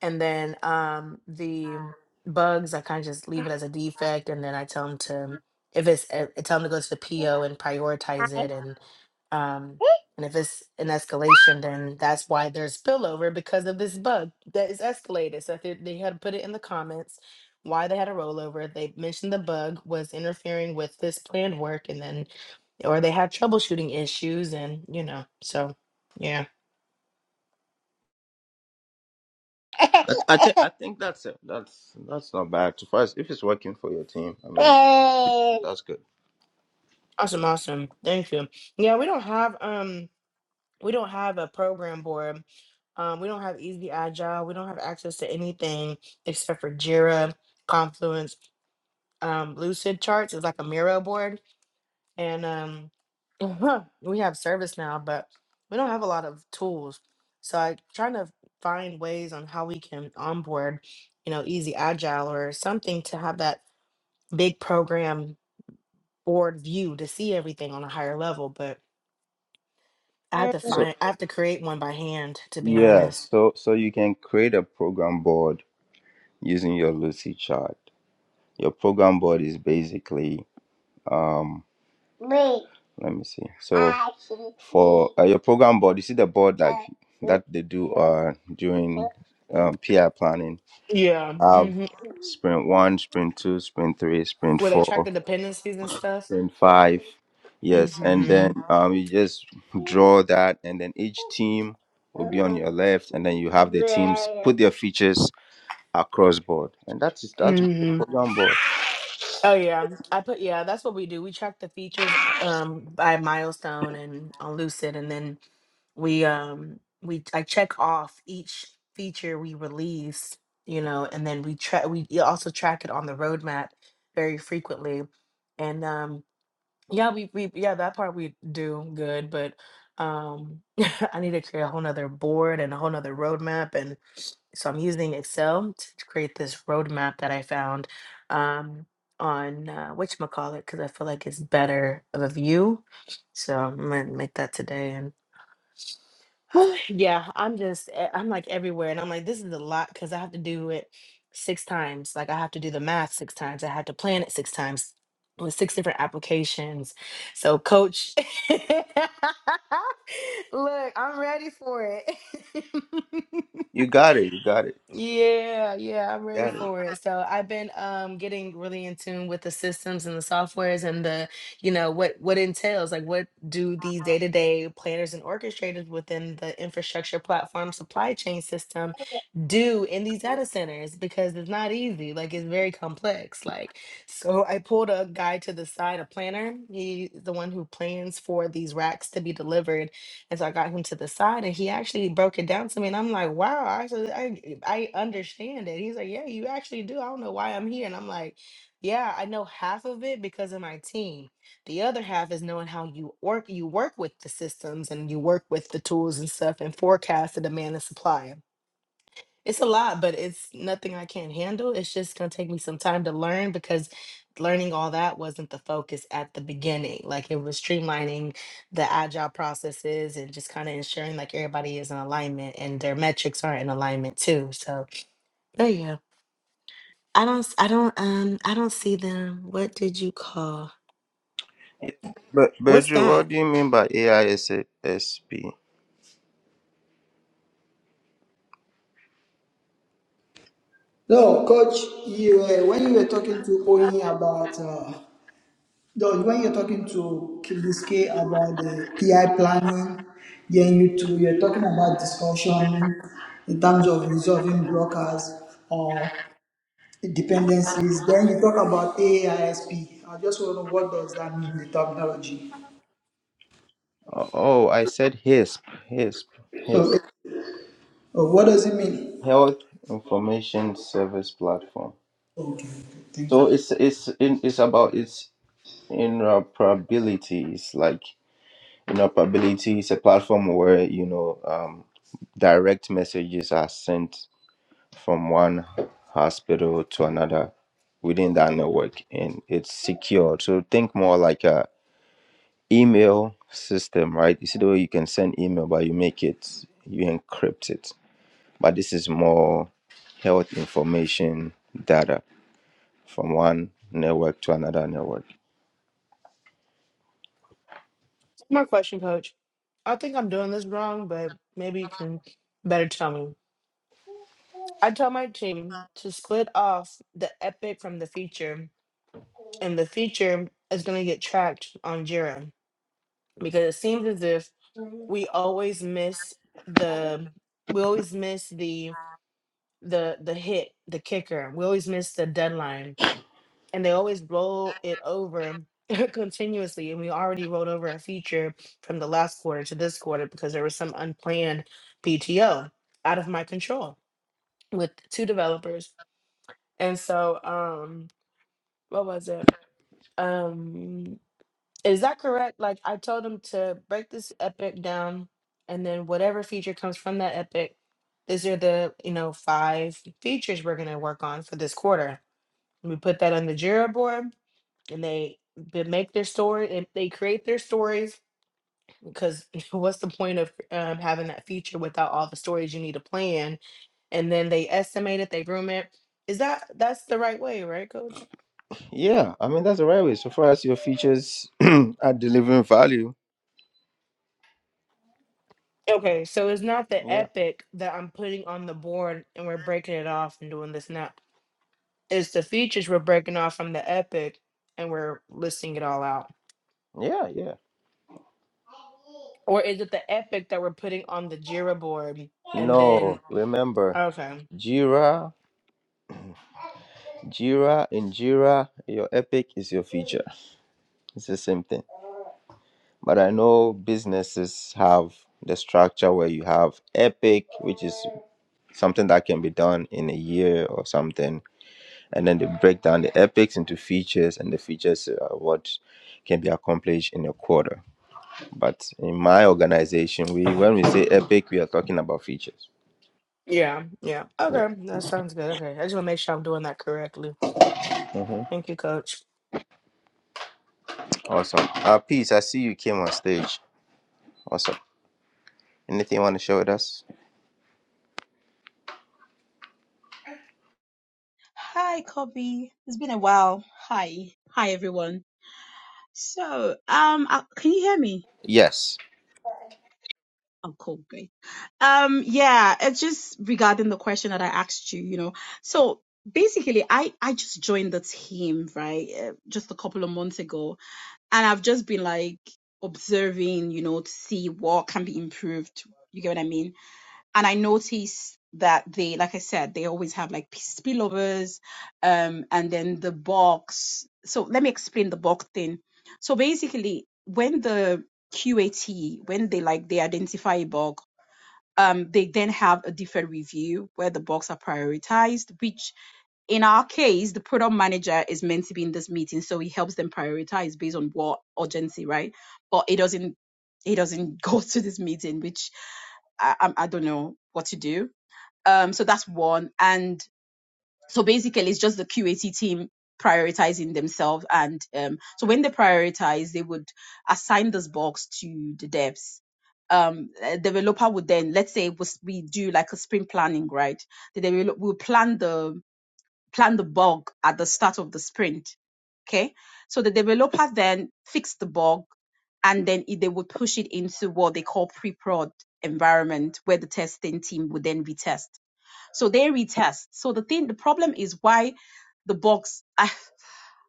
and then um the bugs i kind of just leave it as a defect and then i tell them to if it's i I tell them to go to the po and prioritize it and um and if it's an escalation then that's why there's spillover because of this bug that is escalated so if they, they had put it in the comments why they had a rollover they mentioned the bug was interfering with this planned work and then or they had troubleshooting issues and you know so yeah
I, I, thi- I think that's it. That's that's not bad. To first, if it's working for your team, I mean, [laughs] that's good.
awesome awesome thank you yeah we don't have um we don't have a program board. Um, we don't have Easy Agile. We don't have access to anything except for Jira, Confluence. Um, Lucid Charts is like a Miro board, and um, [laughs] we have service now, but we don't have a lot of tools. So I trying to find ways on how we can onboard, you know, Easy Agile or something to have that big program board view to see everything on a higher level. But I have to
So.
find, I have to create one by hand, to be
Yeah,
honest.
so so you can create a program board using your Lucy chart. Your program board is basically um Wait. let me see. So I can for uh, your program board, you see the board like Uh, that they do uh during um, PI planning.
Yeah.
have
hmm
sprint one, sprint two, sprint three, sprint
Where they track
four,
the dependencies and stuff.
sprint five. Yes, and then
hmm
um you just draw that and then each team will be on your left and then you have the teams put their features across board, and that is that is the
hmm
program board.
Oh yeah. I put yeah, that's what we do. We track the features uh, um by milestone and on Lucid and then we um we I check off each feature we release, you know, and then we track we y- also track it on the roadmap very frequently. And um yeah, we we yeah, that part we do good, but um [laughs] I need to create a whole nother board and a whole nother roadmap and. so I'm using Excel to create this roadmap that I found um, on uh, whatchamacallit because I feel like it's better of a view. So I'm gonna make that today. And [sighs] yeah, I'm just e- I'm like everywhere, and I'm like this is a lot because I have to do it six times. Like I have to do the math six times. I have to plan it six times with six different applications. So coach, [laughs] look, I'm ready for it. [laughs]
You got it. You got it.
Yeah, yeah, I'm ready
Got it.
for it. So I've been um getting really in tune with the systems and the softwares and the, you know, what what entails, like what do these day-to-day planners and orchestrators within the infrastructure platform supply chain system do in these data centers because it's not easy. Like it's very complex. Like so I pulled a guy to the side, a planner. He's the one who plans for these racks to be delivered and so I got him to the side and he actually broke it down to me. And I'm like, wow, I actually I, I understand it. He's like, yeah, you actually do. I don't know why I'm here. And I'm like, yeah, I know half of it because of my team. The other half is knowing how you work you work with the systems and you work with the tools and stuff and forecast the demand and supply. It's a lot, but it's nothing I can't handle. It's just going to take me some time to learn because learning all that wasn't the focus at the beginning. Like it was streamlining the agile processes and just kind of ensuring like everybody is in alignment and their metrics are in alignment too. So there you go. I don't, s- I don't, um, I don't see them. What did you call?
But
What's
Bedro,
that?
what do you mean by AISSP?
No, coach. You uh, when you were talking to Oyin about. Uh, Though when you're talking to Kibiske about the AI planning, then you two, you're talking about discussion in terms of resolving blockers or dependencies. Then you talk about AISP. I S P. I just want to know what does that mean, the terminology.
Oh, oh, I said HISP. HISP.
So,
HISP.
it- uh, what does it mean?
Health Information Service Platform.
Okay, okay, thank you.
So it's it's in, it's about its interoperability. It's like interoperability. It's a platform where you know um, direct messages are sent from one hospital to another within that network and it's secure. So think more like a email system, right? You see the way you can send email but you make it you encrypt it. But this is more health information data from one network to another network.
More question, coach. I think I'm doing this wrong, but maybe you can better tell me. I tell my team to split off the epic from the feature, and the feature is going to get tracked on Jira because it seems as if we always miss the we always miss the the the hit, the kicker. We always miss the deadline, and they always roll it over [laughs] continuously. And we already rolled over a feature from the last quarter to this quarter because there was some unplanned PTO out of my control with two developers. And so um. what was it? Um, is that correct? Like I told him to break this epic down, and then whatever feature comes from that epic, these are the you know five features we're gonna work on for this quarter. We put that on the Jira board, and they they make their story and they create their stories because [laughs] what's the point of um, having that feature without all the stories you need to plan? And then they estimate it, they room it. Is that that's the right way, right, Coach?
Yeah, I mean that's the right way. So far as your features [clears throat] are delivering value.
Okay, so it's not the
Yeah.
epic that I'm putting on the board and we're breaking it off and doing this now. It's the features we're breaking off from the epic and we're listing it all out.
Yeah, yeah.
Or is it the epic that we're putting on the Jira board and then
No, remember
okay.
Jira Jira in Jira, your epic is your feature. It's the same thing. But I know businesses have the structure where you have epic, which is something that can be done in a year or something. And then they break down the epics into features, and the features are what can be accomplished in a quarter. But in my organization, we when we say epic, we are talking about features.
Yeah, yeah.
Yeah.
Okay, that sounds good. Okay. I just want to make sure I'm doing that correctly.
hmm
Thank you, coach.
Awesome. Uh, Peace, I see you came on stage. Awesome. Anything you want to share with us?
Hi, Kobe. It's been a while. Hi. Hi, everyone. So, um, uh, can you hear me?
Yes.
Oh, cool. Great. Um, yeah, it's just regarding the question that I asked you, you know. So basically, I, I just joined the team, right? uh, Just a couple of months ago. And I've just been like observing, you know, to see what can be improved. You get what I mean? and I noticed that they, like I said, they always have like spillovers, um, and then the box. So let me explain the box thing. So basically, when the QAT, when they like they identify a bug, um, they then have a different review where the bugs are prioritized. Which in our case, the product manager is meant to be in this meeting, so he helps them prioritize based on what urgency, right? But it doesn't, it doesn't [laughs] go to this meeting, which I, I, I don't know what to do um, so that's one. And so basically, it's just the QAT team prioritizing themselves. And um, so when they prioritize, they would assign this box to the devs. Um, a developer would then, let's say, was we do like a sprint planning, right? The develop will plan the plan the bug at the start of the sprint. Okay, so the developer then fixed the bug, and then it, they would push it into what they call pre-prod environment, where the testing team would then retest so they retest. So the thing, the problem is why the box, I,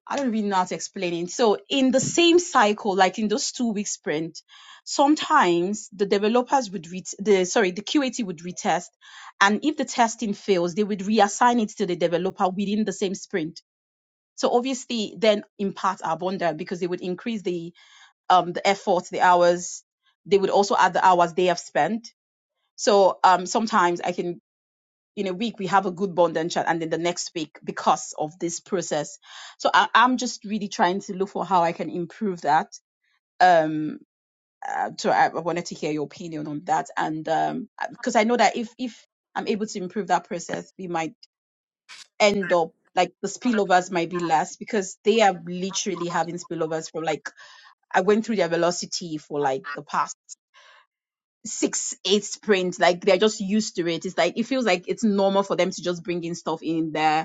I don't really know how to explain it. So in the same cycle, like in those two week sprint, sometimes the developers would ret the, sorry, the QAT would retest. And if the testing fails, they would reassign it to the developer within the same sprint. So obviously then impact our bundle because they would increase the, um, the effort, the hours. They would also add the hours they have spent. So, um, sometimes I can in a week we have a good bond and chat and then the next week because of this process so I, i'm just really trying to look for how i can improve that um uh, so I, I wanted to hear your opinion on that and um because i know that if if i'm able to improve that process we might end up like the spillovers might be less because they are literally having spillovers from like i went through their velocity for like the past six eight sprints like they're just used to it it's like it feels like it's normal for them to just bring in stuff in there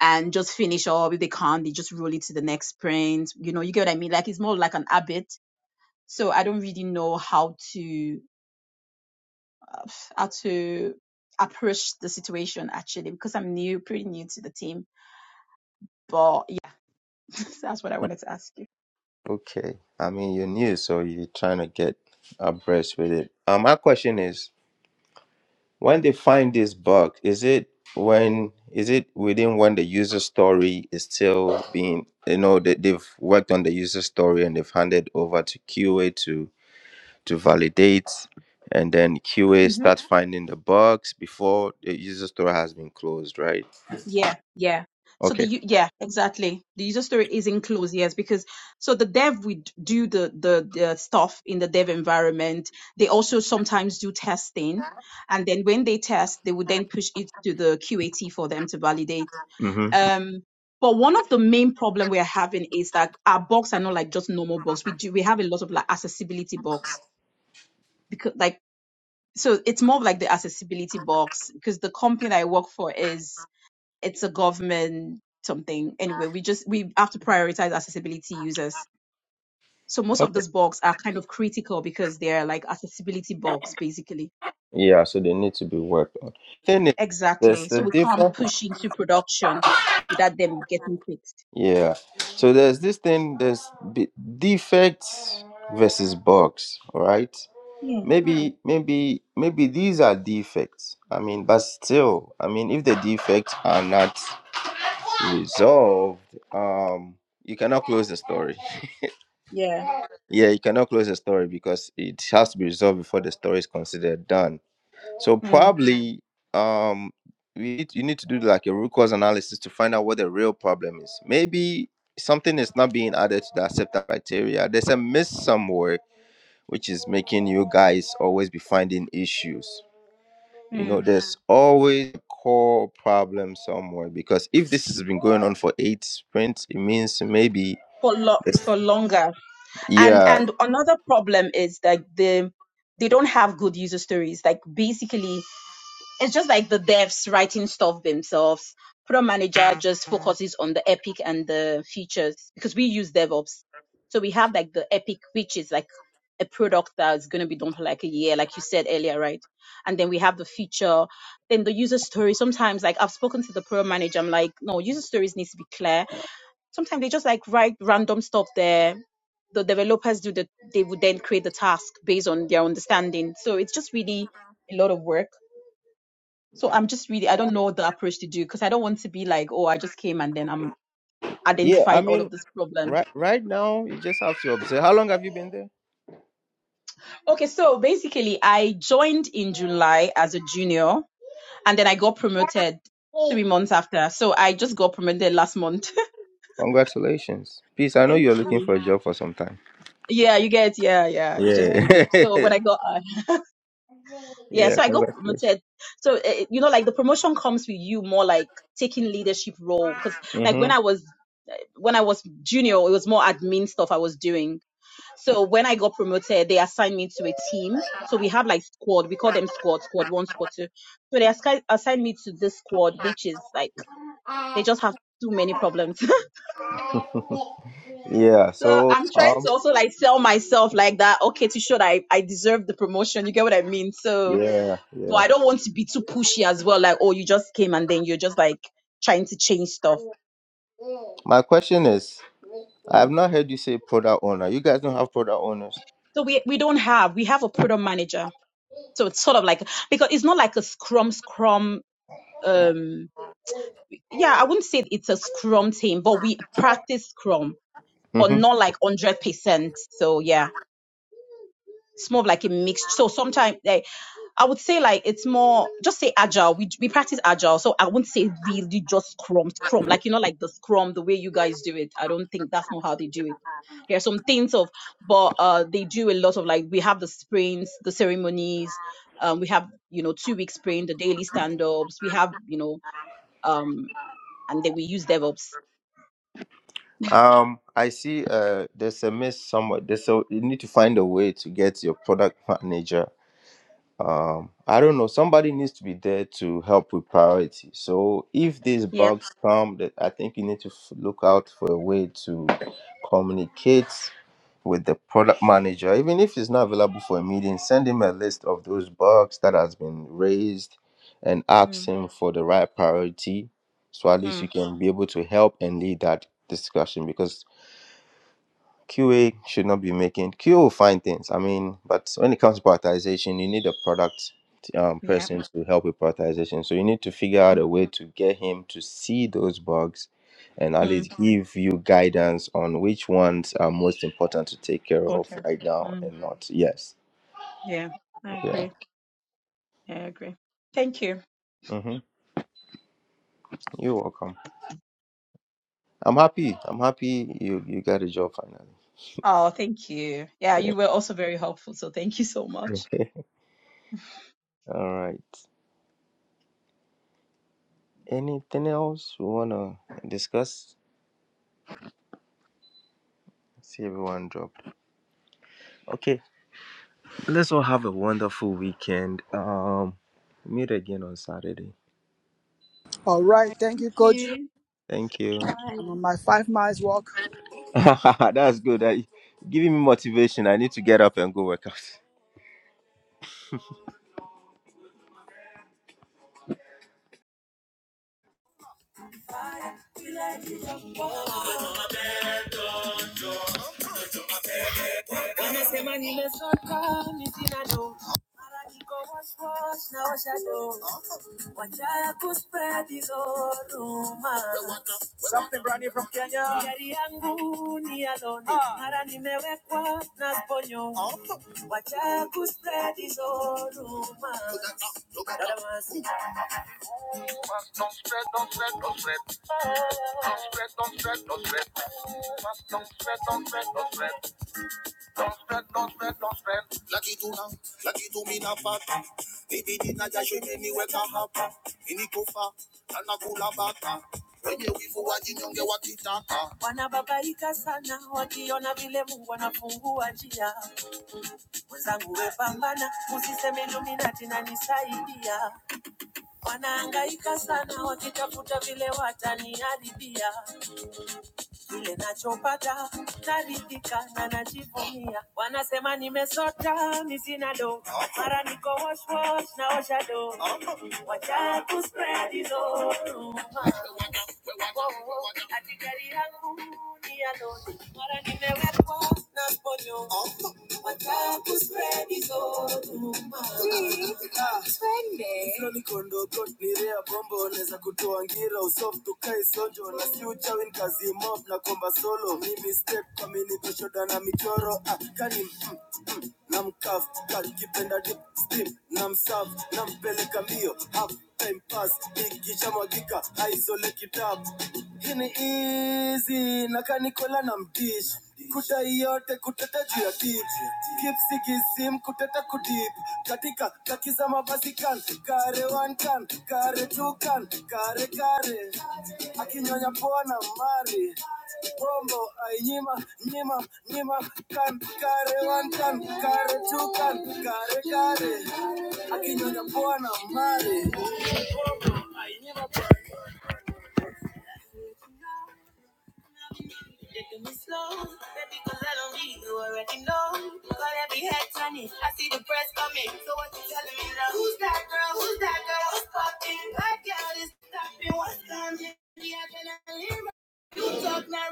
and just finish up. If they can't, they just roll it to the next sprint. You know, you get what I mean? Like it's more like an habit. So I don't really know how to uh, how to approach the situation actually because I'm new, pretty new to the team. But yeah, [laughs] that's what I wanted to ask you.
Okay. I mean, you're new, so you're trying to get abreast with it. Um, my question is, when they find this bug, is it when is it within when the user story is still being, you know, that they've worked on the user story and they've handed over to QA to to validate, and then QA
Mm-hmm.
start finding the bugs before the user story has been closed, right?
Yeah, yeah. So the
Okay.
u- yeah, exactly. The user story is enclosed, yes, because so the dev would do the the the stuff in the dev environment. They also sometimes do testing, and then when they test, they would then push it to the QAT for them to validate.
Mm-hmm.
Um, but one of the main problem we are having is that our bugs are not like just normal bugs. We do we have a lot of like accessibility bugs because like so it's more of like the accessibility bugs because the company that I work for is it's a government something. Anyway, we just we have to prioritize accessibility users. So most of those bugs are kind of critical because they're like accessibility bugs basically.
Yeah, so they need to be worked on. Thing is, there's
Exactly. So
the
we can't
difference.
push into production without them getting fixed.
Yeah. So there's this thing, there's be- defects versus bugs, all right?
Yeah.
Maybe, maybe, maybe these are defects. I mean, but still, I mean, if the defects are not resolved, um, you cannot close the story. [laughs]
Yeah.
Yeah, you cannot close the story because it has to be resolved before the story is considered done. So
Mm.
probably um we need, you need to do like a root cause analysis to find out what the real problem is. Maybe something is not being added to the acceptance criteria. There's a miss somewhere which is making you guys always be finding issues. You know,
Mm.
there's always a core problem somewhere because if this has been going on for eight sprints, it means maybe
For lo-
there's-
for longer. And
yeah.
and another problem is like the they don't have good user stories. Like basically it's just like the devs writing stuff themselves. Product manager Mm, just mm, focuses on the epic and the features because we use DevOps. So we have like the epic, which is like a product that's going to be done for like a year, like you said earlier, right? And then we have the feature, then the user story. Sometimes, like I've spoken to the product manager, I'm like, no, user stories needs to be clear. Sometimes they just like write random stuff there. The developers do the, they would then create the task based on their understanding. So it's just really a lot of work so I'm just really, I don't know the approach to do because I don't want to be like, oh, I just came and then I'm
Yeah, I
identified all
mean
of these problems.
right right now you just have to observe. How long have you been there?
Okay, so basically, I joined in July as a junior and then I got promoted three months after. So I just got promoted last month.
Congratulations. Peace, I
[laughs]
know
Thank
you're looking
you.
for a job for some time.
Yeah, you get, yeah, yeah. It's just been
Yeah.
good.
[laughs]
So when I got, uh, yeah,
yeah,
so I got
congratulations.
promoted. So, uh, you know, like the promotion comes with you more like taking leadership role. Cause like when
Mm-hmm.
I was, uh, when I was junior, it was more admin stuff I was doing So when I got promoted, they assigned me to a team. So we have like squad. We call them squad, squad one, squad two. So they assi- assigned me to this squad, which is like they just have too many problems.
Yeah,
[laughs] so
so
I'm trying
um
to also like sell myself like that, okay, to show that I, I deserve the promotion. You get what I mean? So,
yeah,
but
yeah.
I don't want to be too pushy as well. Like, oh, you just came and then you're just like trying to change stuff.
My question is I
Mm.
have not heard you say product owner. You guys don't have product owners.
So we we don't have we have a product manager. So it's sort of like because it's not like a scrum scrum um yeah, I wouldn't say it's a scrum team, but we practice scrum, but
Mm-hmm.
not like 100%. So yeah, it's more of like a mix. So sometimes like, I would say like it's more just say agile. We we practice agile, so I wouldn't say really just scrum, scrum. Like you know, like the scrum, the way you guys do it. I don't think that's not how they do it. There are some things of, but uh, they do a lot of like we have the sprints, the ceremonies. Um, we have you know two week sprint, the daily stand ups. We have you know um, and then we use DevOps
Um, I see. Uh, there's a miss somewhere. There's a, you need to find a way to get your product manager um i don't know somebody needs to be there to help with priority so if these
Yep.
bugs come that i think you need to f- look out for a way to communicate with the product manager even if he's not available for a meeting send him a list of those bugs that has been raised and ask
Mm,
him for the right priority so at least you
mm,
can be able to help and lead that discussion because QA should not be making QA will find things. I mean, but when it comes to prioritization, you need a product um,
yeah.
person to help with prioritization. So you need to figure out
Mm,
a way to get him to see those bugs and at
mm,
least give you guidance on which ones are most important to take care of
water.
right now
Mm,
and not. Yes.
yeah. I
Yeah.
agree. Yeah, I agree. Thank you.
hmm You're welcome. I'm happy. I'm happy you, you got a job finally.
Oh, thank you. Yeah, you were also very helpful. So thank you so much.
[laughs] All right. Anything else we wanna discuss? See everyone dropped. Okay. Let's all have a wonderful weekend. Um, meet again on Saturday.
All
All
right,
right.
thank
Thank
you, Coach.
you.
Thank you.
Bye.
I'm on my five miles walk.
[laughs] That's good. Uh, giving me motivation. I need to get up and go work out. [laughs] yeah, yeah. Ah. Lucky to now, lucky to me na bata. Baby did not just show me where can happen. Ini kufa, nana kula bata. Wenye wivu wajinyonge wakitaka. Wanababaika sana wakiona vile Mungu anafungua njia. Wenzangu wepambana, usiseme Illuminati inanisaidia. Wanahangaika sana wakitafuta vile wataniharibia kile nachopata naridhika na najivunia. Wanasema nimesota mi sina do, mara niko wash wash naosha do, wacha kuspread hizo hadi gari yangu ni ya mara nimewekwa na mponyo, wacha kuspread hizo rumor. Flonikondo got ni rea bombo Neza kutoa ngira usoft tukae sojo Na si uchawi nkazi mob na komba solo Mimi step kamini peshoda na michoro ah, Kani mm, mm, na mkaf Kakipenda dip steam na msaf Na mpeleka mbio half time pass Ikicha mwagika aizole kitabu Hii ni easy na kanikola na mdish Kuta yote kuteta juu ya tip Kipsi kisim kuteta kutip Katika kaki za mabasi kan Kare one kan, kare two kan Kare kare Akinyonya pona mari Bombo ainyima, nyima, nyima nyima Kan kare one kan, kare two kan Kare kare Akinyonya pona mari Taking me slow, baby, cause I don't need you already know. Got every head turning, I see the press coming. So what you telling me now? Who's that girl? Who's that girl? What's popping? That girl is stopping. What's coming? The adrenaline. rush. You talk now,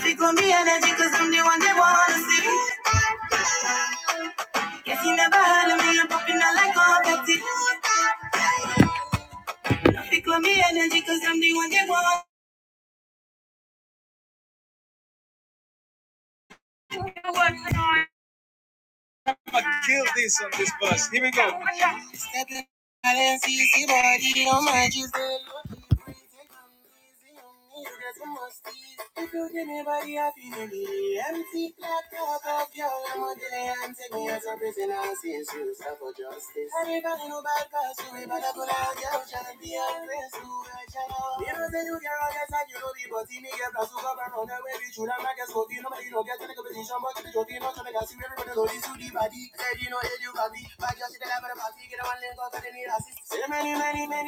really got me energy cause you want they wanna see. Guess you never heard of me, I'm popping out like confetti. Kill this on this bus. Here we go. Step out and see, see body on my G's. They look easy, take 'em easy on me, there's a musty. If you give me body, I feel me. Empty black cup of your all and take me as a prisoner since you suffer justice. I never knew bad past you, but I put out your child, be a grace many, many, many, many,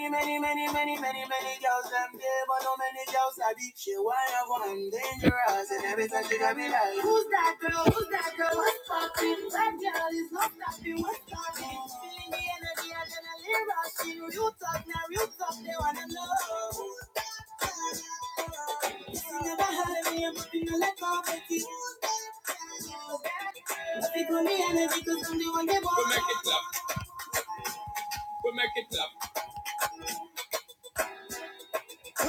many, many, many, many girls them there, but no many girls I be. She wild one, dangerous, and every time she got me like, Who's that girl? Who's that girl? What's poppin'? That girl is not stopping. What's poppin'? Feeling the energy we make it up. we make it up.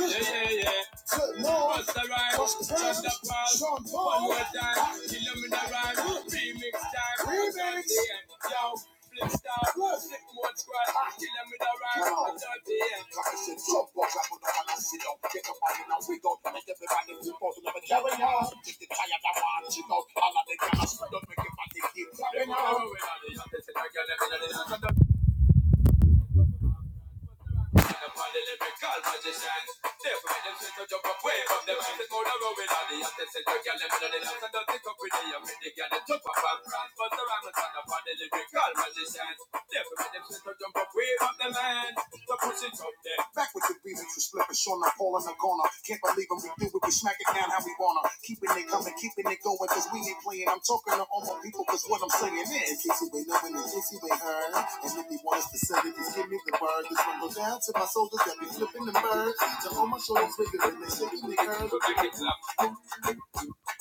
yeah, yeah, yeah. Good Lord. Bust the rhyme, bust the rhyme, the ball. Sean Paul. One more time, Illumina rhyme, remix time. Remix. Yo, flip style, flip more squad, kill them with a rhyme. Come on. Carson, chop, walk up with a hammer, sit up, get up, and now we go. Make everybody do both of them, carry on. Just the tire that one, she know, all of the guys, don't make it, but they keep carrying on. and I said, I got it, and I said, upon the lyrical magician. They for them shit to jump up, wave up them hands and go down rolling on the act and say, "Girl, them the dance and don't up with the young men, they get the jump up and prance." But the rhyme is not upon the magician. They for them shit to jump up, wave up them hands. So push it up there. Back with the remix was flipping, Sean I call I'm gonna can't believe them. We do it, we smack it down how we wanna. Keeping it coming, keeping it going, cause we ain't playing. I'm talking to all my people, cause what I'm saying is. In case ain't knowing, and case you ain't heard. And if you want us to send it, just give me the word. This one go down to my soldiers that be flipping the bird. To all my shoulders bigger than they shaking the curve. Put your hands up,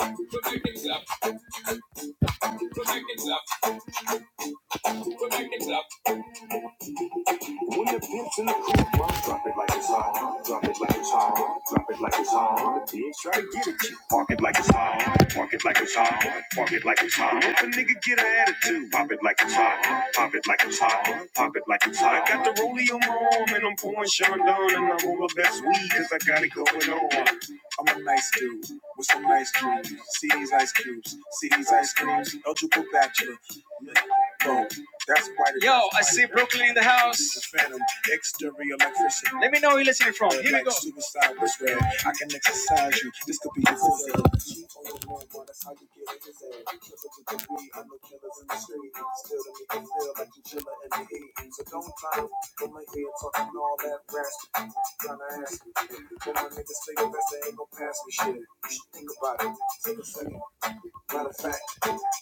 put your hands up, put your hands up, put your hands up. When the pimp's in the cool drop it like it's hot. Drop it like it's hot. Drop it like it's hot. The pigs try to get at you. Park it like it's hot. Park it like it's hot. Park it like it's hot. If a nigga get an attitude, pop it like it's hot. Pop it like it's hot. Pop it like it's hot. I got the rollie on my arm and I'm pouring Chandon and I'm on my best weed cause I got it going on. I'm a nice dude with some nice dreams. See these ice cubes. See these ice creams. Eligible bachelor. Boom. That's quite a Yo, I see Brooklyn in the The house. The phantom, exterior electricity. Let me know where you're listening from. Here we like go. suicide was red. I can exercise you. This could be your physical. Cheat on your man, that's how you get it. Cause if you can I know killers in the street. still to make you feel like you chiller in the heat. So don't try to my head talking all that brass. Tryna ask me. When my niggas say the best, they ain't gon' pass me shit. You should think about it. Take a second. Matter of fact,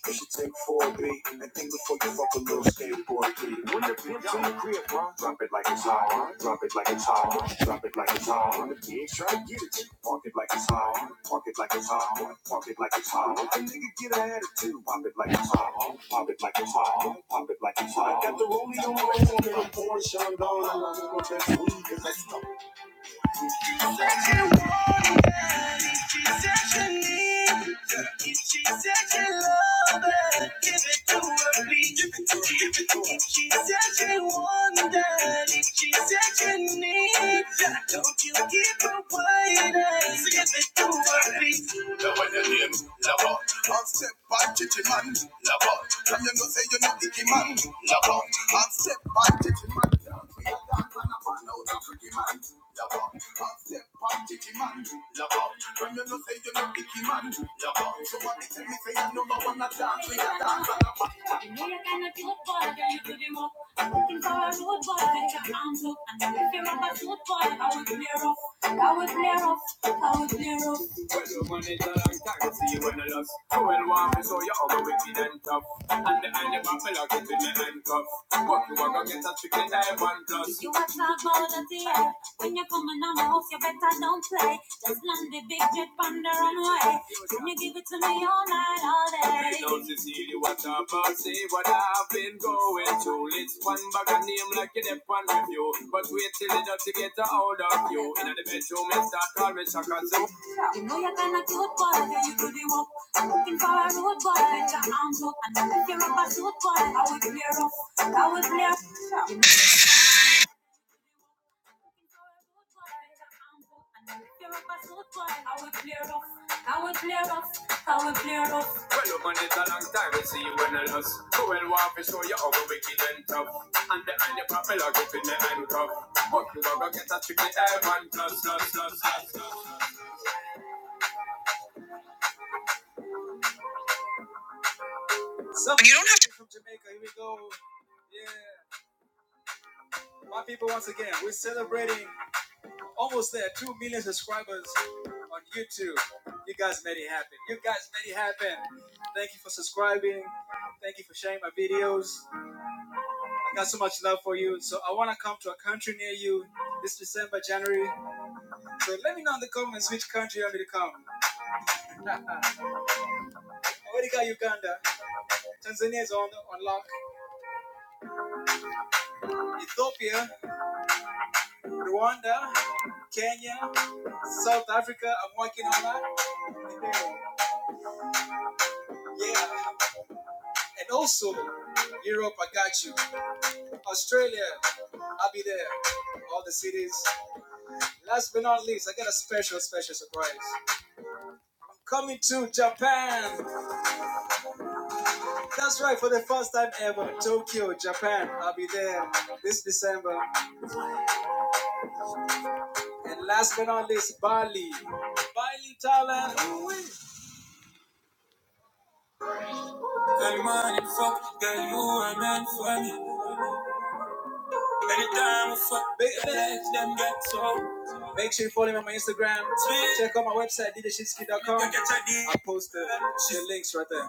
you should take 4B and think before you fuck a little skateboard kid. When the pimp's in the crib, ma, drop it like it's hot. Drop it like it's hot. Drop it like it's hot. When the pigs try to get it, park it like it's hot. Park it like it's hot. Park it like it's hot. A nigga get an attitude. Pop it like it's hot. Pop it like it's hot. Pop it like it's hot. I got the rollie on my own and I'm pouring Chandon. I'm on my best weed 'cause I stuck I'm step by kitchen man, love on. Come you know say you're not icky man, love on. I'm step by kitchen man. Well, the money's a long time, see when I lost. You will want me, so you're over wicked and tough. And behind your back, I'll get in the handcuff. Fuck you, I gonna get a chicken type one plus. You want more, it's another. Now, Cecilia, what about say what I've been going through? It's one bag of name like you dip on review. But wait till it does to get a hold of you. In the bedroom, it's that call me Shaka Zoo. You know you're kinda cute, but you do the work. Call road boy, let your arms up, and if you're a bad boy, I will clear up, I will clear up. I will clear off, I will clear off, I will clear off. Well, you've it a long time, we see you when I lost. Cruel war to show you how we wicked and tough. And the hand you pop me like it in the handcuff. But you are to get a tricky air plus, plus, plus, plus, plus. So, you don't have to. From Jamaica, here we go. Yeah. My people, once again, we're celebrating Almost there, 2 million subscribers on YouTube. You guys made it happen. You guys made it happen. Thank you for subscribing. Thank you for sharing my videos. I got so much love for you. So I want to come to a country near you this December, January. So let me know in the comments which country to come. uh, Tanzania is on, on lock. Ethiopia. Yeah, yeah, yeah. Yeah, And also, Europe. Yeah, I'll be there. But not least, I got a special, special surprise. Coming to Japan. right, for the first time ever, Tokyo, Japan. I'll be there this December. Last but not least, Bali. Bali, Thailand. so. Make sure you follow me on my Instagram. Check out my website, djshinsky.com. I posted the the links right there.